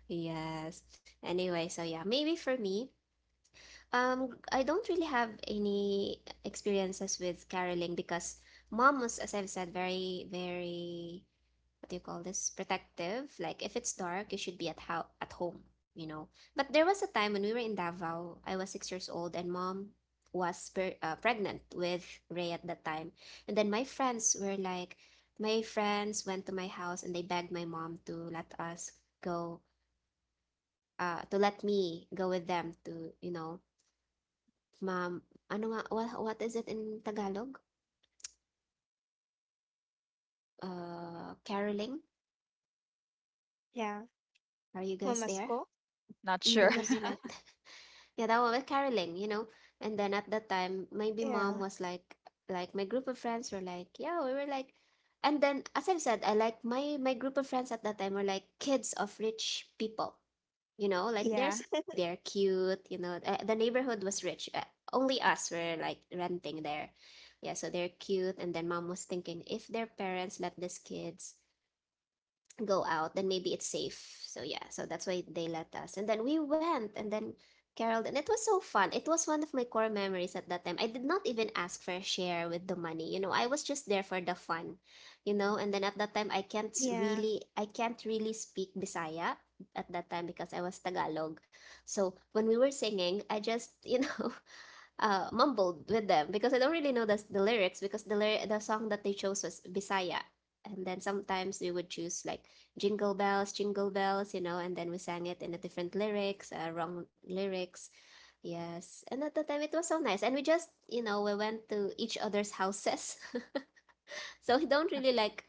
A: Yes. Anyway, so yeah, maybe for me, I don't really have any experiences with caroling because mom was, as I've said, very, very what do you call this, protective, like if it's dark you should be at how at home, you know. But there was a time when we were in Davao, I was 6 years old and mom was per pregnant with Ray at that time. And then my friends went to my house and they begged my mom to let us go to let me go with them to, you know, mom ano nga, what is it in Tagalog, caroling,
C: Yeah.
A: are you guys there?
C: Mamasko.
B: not
A: Mm,
B: sure.
A: something
C: Mamasko.
A: like that. Yeah, that was with caroling, you know. And then at that time, maybe
C: Yeah.
A: like my group of friends were like, yeah, and then as I've said, I like my group of friends at that time were like kids of rich people, you know, like
C: Yeah.
A: there's they're cute, you know. The neighborhood was rich. Only us were like renting there, yeah. So they're cute, and then mom was thinking if their parents let these kids go out, then maybe it's safe. So yeah, so that's why they let us. And then we went and then Carol and it was so fun. It was one of my core memories at that time. I did not even ask for a share with the money. You know, I was just there for the fun, you know, and then at that time
C: Yeah.
A: I can't really speak Bisaya at that time because I was Tagalog. So when we were singing, I just, you know, mumbled with them because I don't really know the lyrics because the the song that they chose was Bisaya. And then sometimes we would choose like jingle bells, you know, and then we sang it in a different lyrics, wrong lyrics. Yes. And at the time it was so nice. And we just, you know, we went to each other's houses. So we don't really like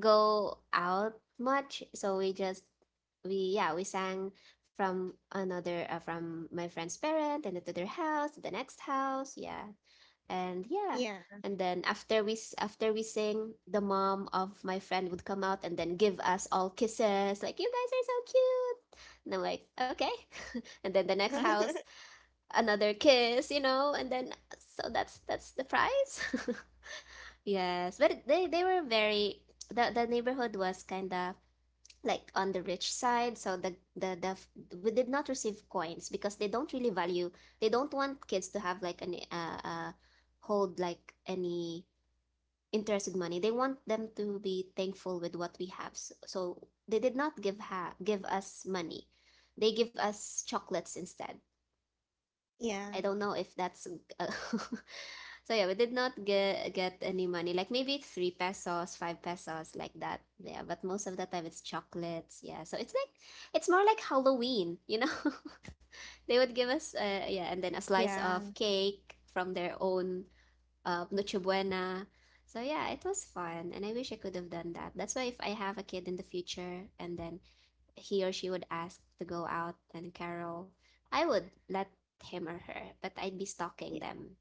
A: go out much. So we just, we, yeah, we sang from another, from my friend's parent and then to their house, to the next house. Yeah, and yeah,
C: Yeah.
A: and then after after we sing, the mom of my friend would come out and then give us all kisses like, you guys are so cute, and I'm like, okay. And then the next house, another kiss, you know. And then so that's the prize. Yes, but they were very, the neighborhood was kind of like on the rich side, so the we did not receive coins because they don't want kids to have like any hold like any interest with money. They want them to be thankful with what we have, so, so they did not give us money, they give us chocolates instead. I
C: yeah.
A: don't know if that's uh, so yeah, we did not get any money. Like maybe three pesos, five pesos, like that. Yeah, but most of the time it's chocolates. Yeah, so it's like it's more like Halloween, you know. They would give us yeah, and then a slice of
C: Yeah.
A: cake from their own Noche Buena. So yeah, it was fun, and I wish I could have done that. That's why if I have a kid in the future, and then he or she would ask to go out and Carol, I would let him or her, but I'd be
C: y-
A: stalking them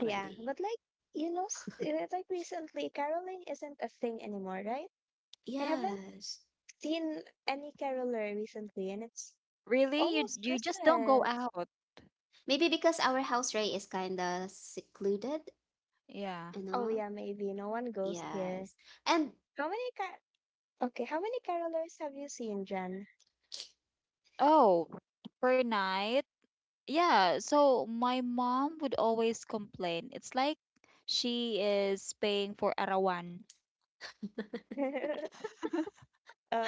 C: Yeah. But like, you know, like recently, caroling isn't a thing anymore, right? I haven't
A: Yes.
C: seen any caroler recently, and it's
B: Really? You
C: almost
B: you just don't go
C: Christmas.
B: out.
A: Maybe because our house Ray is kinda secluded,
B: Yeah.
A: you
C: Oh,
A: know?
C: yeah, maybe. No one goes here.
A: Yes. And
C: How many car- Okay, how many carolers have you seen, Jen?
B: Oh, per night. Yeah, so my mom would always complain. It's like she is paying for arawan.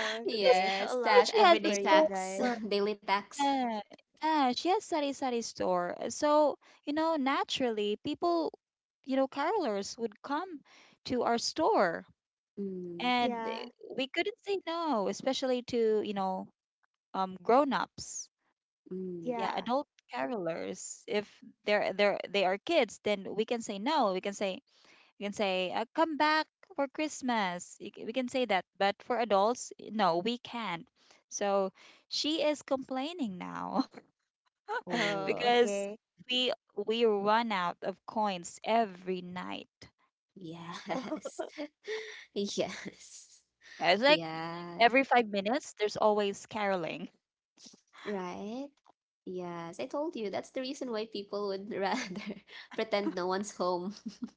B: because
C: so a
A: yes,
C: lot
B: because
A: tax,
B: she has a
C: for
A: everyday
C: you
A: tax,
C: guys.
B: store.
A: daily tax.
B: Yeah, yeah, she has sari sari store. So, you know, naturally, people, you know, carolers would come to our store,
A: Mm,
B: and eh,
C: Yeah.
B: we couldn't say no, especially to, you know, grown-ups.
A: mm.
B: Yeah,
C: Yeah.
B: adult carolers. If they are kids, then we can say no. We can say come back for Christmas. We can say that, but for adults, no, we can't. So, she is complaining now.
C: Oh,
A: Oh
B: Because
C: okay.
B: we run out of coins every night.
A: yes. Yes.
B: Yeah, it's like
A: Yeah.
B: every 5 minutes, there's always caroling.
A: Right. Yes, I told you that's the reason why people would rather pretend no one's home.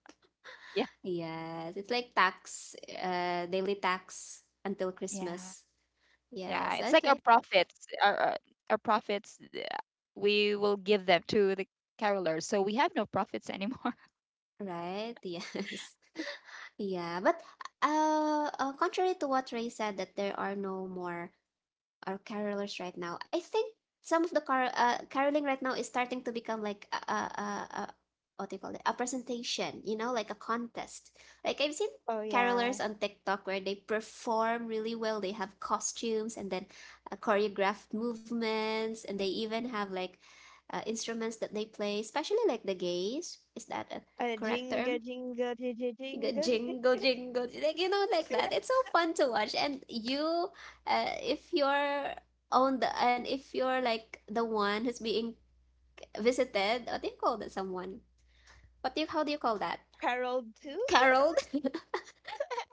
B: Yeah,
A: Yes, it's like tax, daily tax until
B: yeah,
A: Christmas.
B: yeah.
A: Yes,
B: It's like our
A: okay.
B: profits, our profits. We will give them to the carolers, so we have no profits anymore.
A: Right, yes. Yeah, but contrary to what Ray said that there are no more or carolers right now. I think some of the caroling right now is starting to become like a, what do you call it? A presentation, you know, like a contest. Like I've seen
C: Oh, yeah.
A: carolers on TikTok where they perform really well. They have costumes and then choreographed movements, and they even have like instruments that they play, especially like the gays. Is that a correct
C: Jingle,
A: term?
C: jingle, jingle,
A: You go
C: jingle.
A: jingle, jingle, like you know, like that. It's so fun to watch, and if you're on the and if you're like the one who's being visited, what do you call that? Someone? What do you? How do you call that?
C: Carol too.
A: Caroled.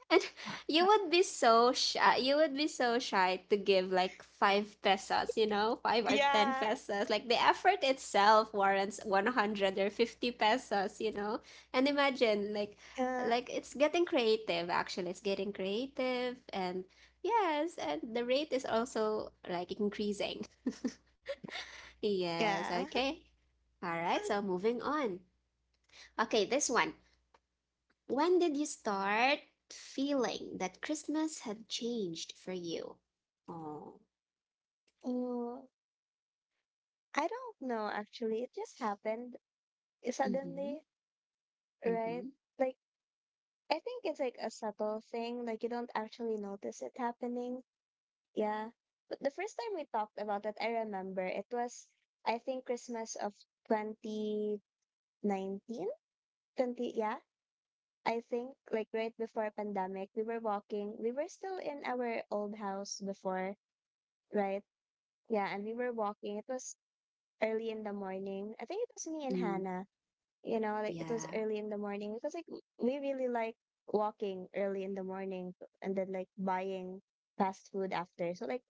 A: And you would be so shy. You would be so shy to give like five pesos, you know, five or ten
C: Yeah.
A: pesos. Like the effort itself warrants 100 or 50 pesos, you know. And imagine
C: Uh,
A: it's getting creative actually. It's getting creative and yes, and the rate is also like increasing. Yes,
C: yeah.
A: okay. All right, so moving on. Okay, this one. When did you start feeling that Christmas had changed for you? Oh,
C: Mm, I don't know actually. It just happened
A: mm-hmm,
C: suddenly,
A: mm-hmm,
C: right? Like I think it's like a subtle thing. Like you don't actually notice it happening. Yeah. But the first time we talked about it, I remember it was I think Christmas of 2019, 20 yeah. I think like right before pandemic, we were walking. We were still in our old house before, right? Yeah, and we were walking. It was early in the morning. I think it was me and
A: mm,
C: Hannah. You know, like it was
A: yeah,
C: early in the morning because like we really like walking early in the morning and then like buying fast food after. So like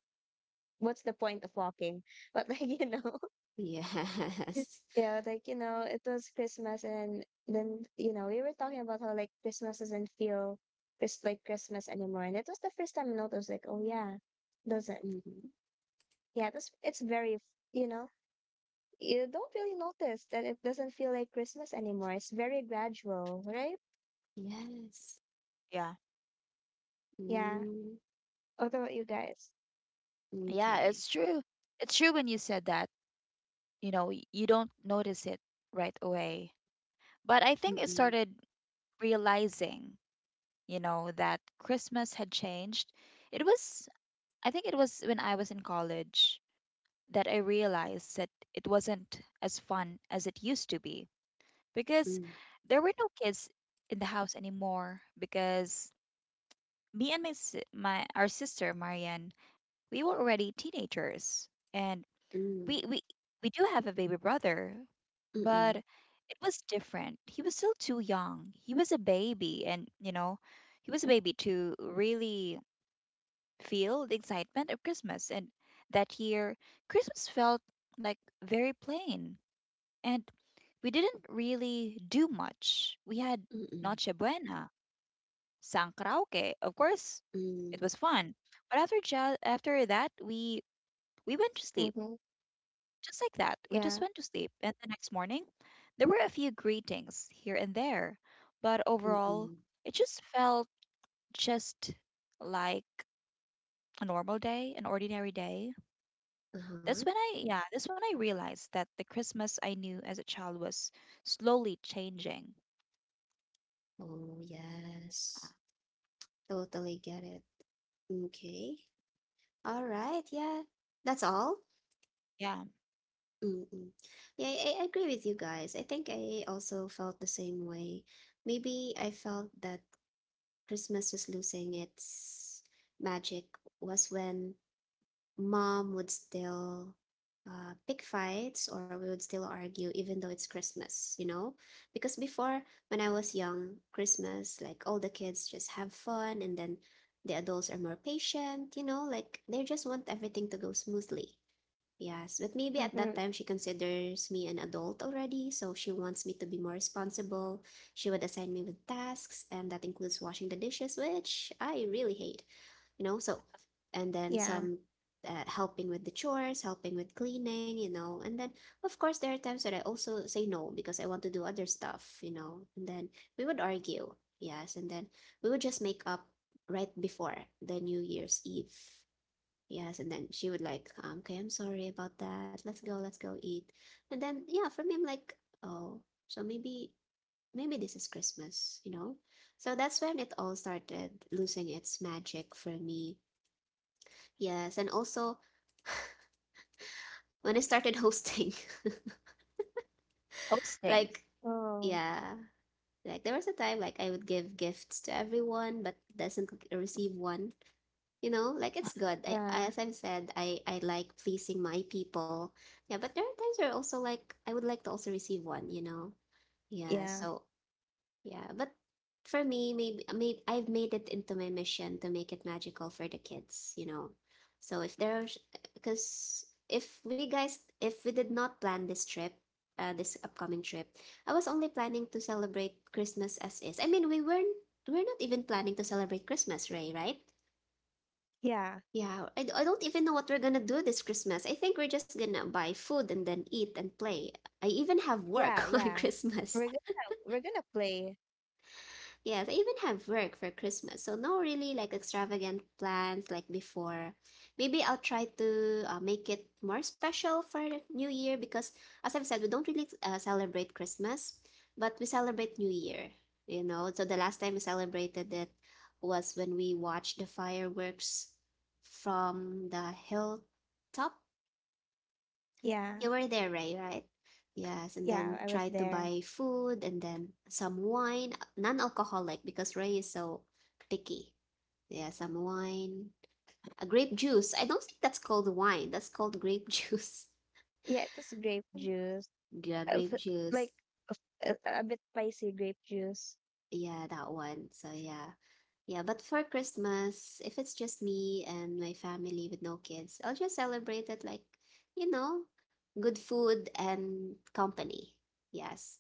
C: what's the point of walking? But like, you know,
A: yes,
C: yeah, like, you know, it was Christmas and then, you know, we were talking about how like Christmas doesn't feel just like Christmas anymore. And it was the first time I noticed like, oh yeah, doesn't.
A: mm-hmm,
C: Yeah, this it's very, you know, you don't really notice that it doesn't feel like Christmas anymore. It's very gradual, right?
A: yes,
B: Yeah,
C: Yeah.
A: mm,
C: What about you guys?
B: yeah.
A: okay,
B: It's true. It's true when you said that. You know, you don't notice it right away, but I think it
A: mm-mm,
B: started realizing, you know, that Christmas had changed. It was, I think it was when I was in college that I realized that it wasn't as fun as it used to be because
A: mm,
B: there were no kids in the house anymore, because me and my our sister Marianne, we were already teenagers, and
A: mm,
B: we we do have a baby brother. But
A: mm-mm,
B: it was different. He was still too young. He was a baby, and, you know, he was a baby to really feel the excitement of Christmas. And that year, Christmas felt like very plain. And we didn't really do much. We had
A: mm-mm,
B: Noche Buena, sang karaoke. Of course, it
A: mm,
B: was fun. But after that, we went to sleep.
C: Mm-hmm.
B: Just like that, we just
C: Yeah.
B: went to sleep, and the next morning, there were a few greetings here and there, but overall,
A: mm-mm,
B: it just felt just like a normal day, an ordinary day.
A: uh-huh,
B: That's when I, yeah, that's when I realized that the Christmas I knew as a child was slowly changing.
A: oh,
B: Uh,
A: yes, totally get it, okay, all right, yeah, that's all.
B: Yeah,
A: Mm-mm. Yeah, I agree with you guys. I think I also felt the same way. Maybe I felt that Christmas was losing its magic was when mom would still pick fights or we would still argue even though it's Christmas, you know? Because before, when I was young, Christmas, like all the kids just have fun and then the adults are more patient, you know? Like they just want everything to go smoothly. Yes, but maybe at that
C: Mm-hmm.
A: time she considers me an adult already, so she wants me to be more responsible. She would assign me with tasks, and that includes washing the dishes, which I really hate, you know? So, and then
C: Yeah.
A: some helping with the chores, helping with cleaning, you know. And then, of course, there are times that I also say no because I want to do other stuff, you know. And then we would argue, yes. And then we would just make up right before the New Year's Eve. Yes, and then she would like, okay, I'm sorry about that. Let's go eat. And then yeah, for me, I'm like, oh, so maybe this is Christmas, you know? So that's when it all started losing its magic for me. Yes, and also when I started hosting.
B: hosting.
A: Like,
C: Oh,
A: yeah, like there was a time like I would give gifts to everyone but doesn't receive one. You know, like it's good. I,
C: yeah.
A: as I've said, I I like pleasing my people. Yeah, but there are times where also like I would like to also receive one. You know. Yeah.
C: Yeah.
A: So yeah, but for me, maybe I've made it into my mission to make it magical for the kids, you know. So if because if we did not plan this trip, this upcoming trip, I was only planning to celebrate Christmas as is. I mean, we're not even planning to celebrate Christmas, Ray, right?
C: Yeah.
A: Yeah, I don't even know what we're gonna do this Christmas. I think we're just gonna buy food and then eat and play. I even have
C: Yeah.
A: work on
C: Yeah.
A: Christmas.
C: We're gonna we're gonna play.
A: Yes, I even have work for Christmas, so no really like extravagant plans like before. Maybe I'll try to make it more special for New Year because, as I've said, we don't really celebrate Christmas, but we celebrate New Year, you know. So the last time we celebrated it was when we watched the fireworks from the hilltop.
C: Yeah.
A: You were there, Ray, right? Yes, and
C: Yeah,
A: then
C: I was
A: try to
C: there.
A: buy food and then some wine, non-alcoholic because Ray is so picky. Yeah, some wine, a grape juice. I don't think that's called wine. That's called grape juice.
C: Yeah, it was grape juice.
A: Yeah,
C: Uh,
A: grape
C: f-
A: juice.
C: Like a bit spicy grape juice.
A: Yeah, that one. So yeah. Yeah, but for Christmas, if it's just me and my family with no kids, I'll just celebrate it like, you know, good food and company. Yes.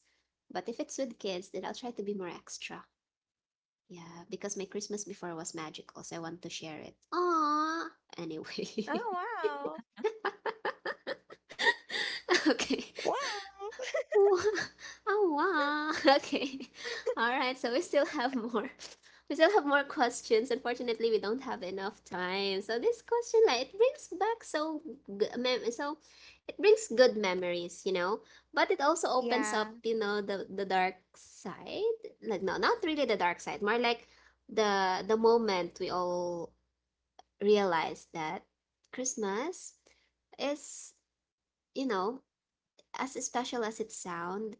A: But if it's with kids, then I'll try to be more extra. Yeah, because my Christmas before was magical, so I want to share it. Aww. Anyway.
C: Oh, wow.
A: Okay.
C: Wow.
A: Wow. Oh, wow. Okay. All right. So we still have more. We still have more questions. Unfortunately, we don't have enough time. So this question, like, it brings back so it brings good memories, you know. But it also opens
C: Yeah.
A: up, you know, the dark side. Like, no, not really the dark side. More like the moment we all realize that Christmas is, you know, as special as it sounds,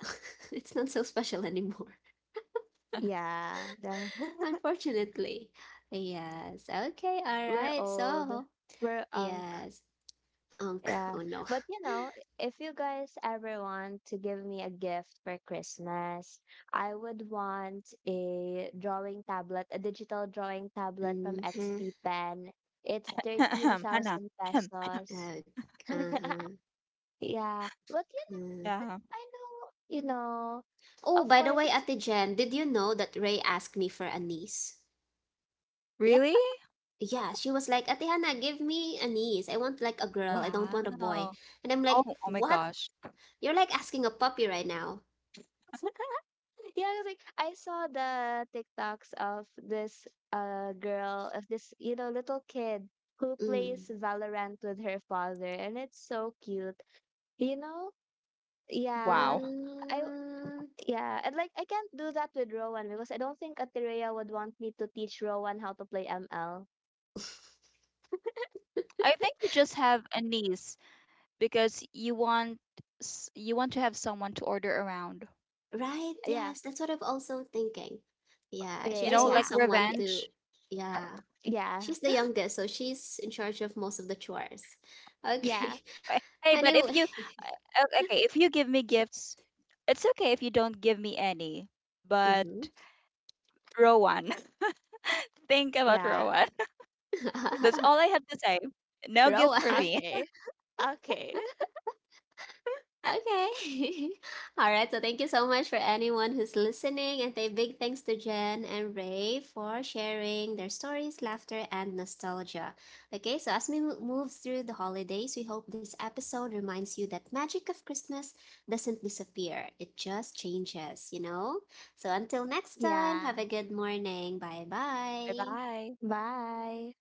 A: it's not so special anymore,
C: Yeah. The,
A: unfortunately. Yes. Okay. All
C: we're
A: right.
C: old.
A: So,
C: We're unk.
A: yes. Unk. Oh
C: Yeah.
A: no.
C: But you know, if you guys ever want to give me a gift for Christmas, I would want a drawing tablet, a digital drawing tablet from
A: Mm-hmm.
C: XP Pen. It's
B: Hannah.
C: 13,000 pesos.
A: Uh, uh-huh.
C: Yeah. But you know,
A: Mm.
B: Yeah.
C: I know, you know,
A: Oh,
C: of
A: by the
C: course
A: way,
C: it's
A: Ate Jen, did you know that Ray asked me for a niece?
C: yeah.
B: Really?
A: Yeah, she was like, Ate Hannah, give me a niece. I want like a girl. I don't want a boy.
B: Wow.
A: And I'm like,
B: Oh, oh my
A: what?
B: gosh.
A: You're like asking a puppy right now.
C: Yeah, I was like I saw the TikToks of this girl of this you know little kid who
A: Mm.
C: plays Valorant with her father, and it's so cute. You know, yeah.
B: Wow.
C: I w-
A: Mm,
C: yeah, and like I can't do that with Rowan because I don't think Atireya would want me to teach Rowan how to play ML.
B: I think you just have a niece because you want you want to have someone to order around.
A: right?
C: Yeah,
A: Yes, that's what I'm also thinking. Yeah, she
C: yeah,
B: You know,
A: just
C: yeah,
B: like
A: wants someone
C: yeah,
A: to,
B: revenge.
A: yeah.
C: yeah,
A: She's the youngest, so she's in charge of most of the chores. Okay.
C: yeah,
B: Eh, hey, but
A: Anyway.
B: if you okay, if you give me gifts, it's okay if you don't give me any. But
A: Mm-hmm.
B: Rowan, think about
C: yeah.
B: Rowan. That's all I have to say. No gift
A: Rowan.
B: for me.
C: Okay. Okay.
A: Okay. All right. So thank you so much for anyone who's listening. And a big thanks to Jen and Ray for sharing their stories, laughter, and nostalgia. Okay. So as we move through the holidays, we hope this episode reminds you that magic of Christmas doesn't disappear, it just changes, you know? So until next time,
C: yeah.
A: have a good morning. Bye
B: Bye
A: bye.
B: bye.
C: Bye.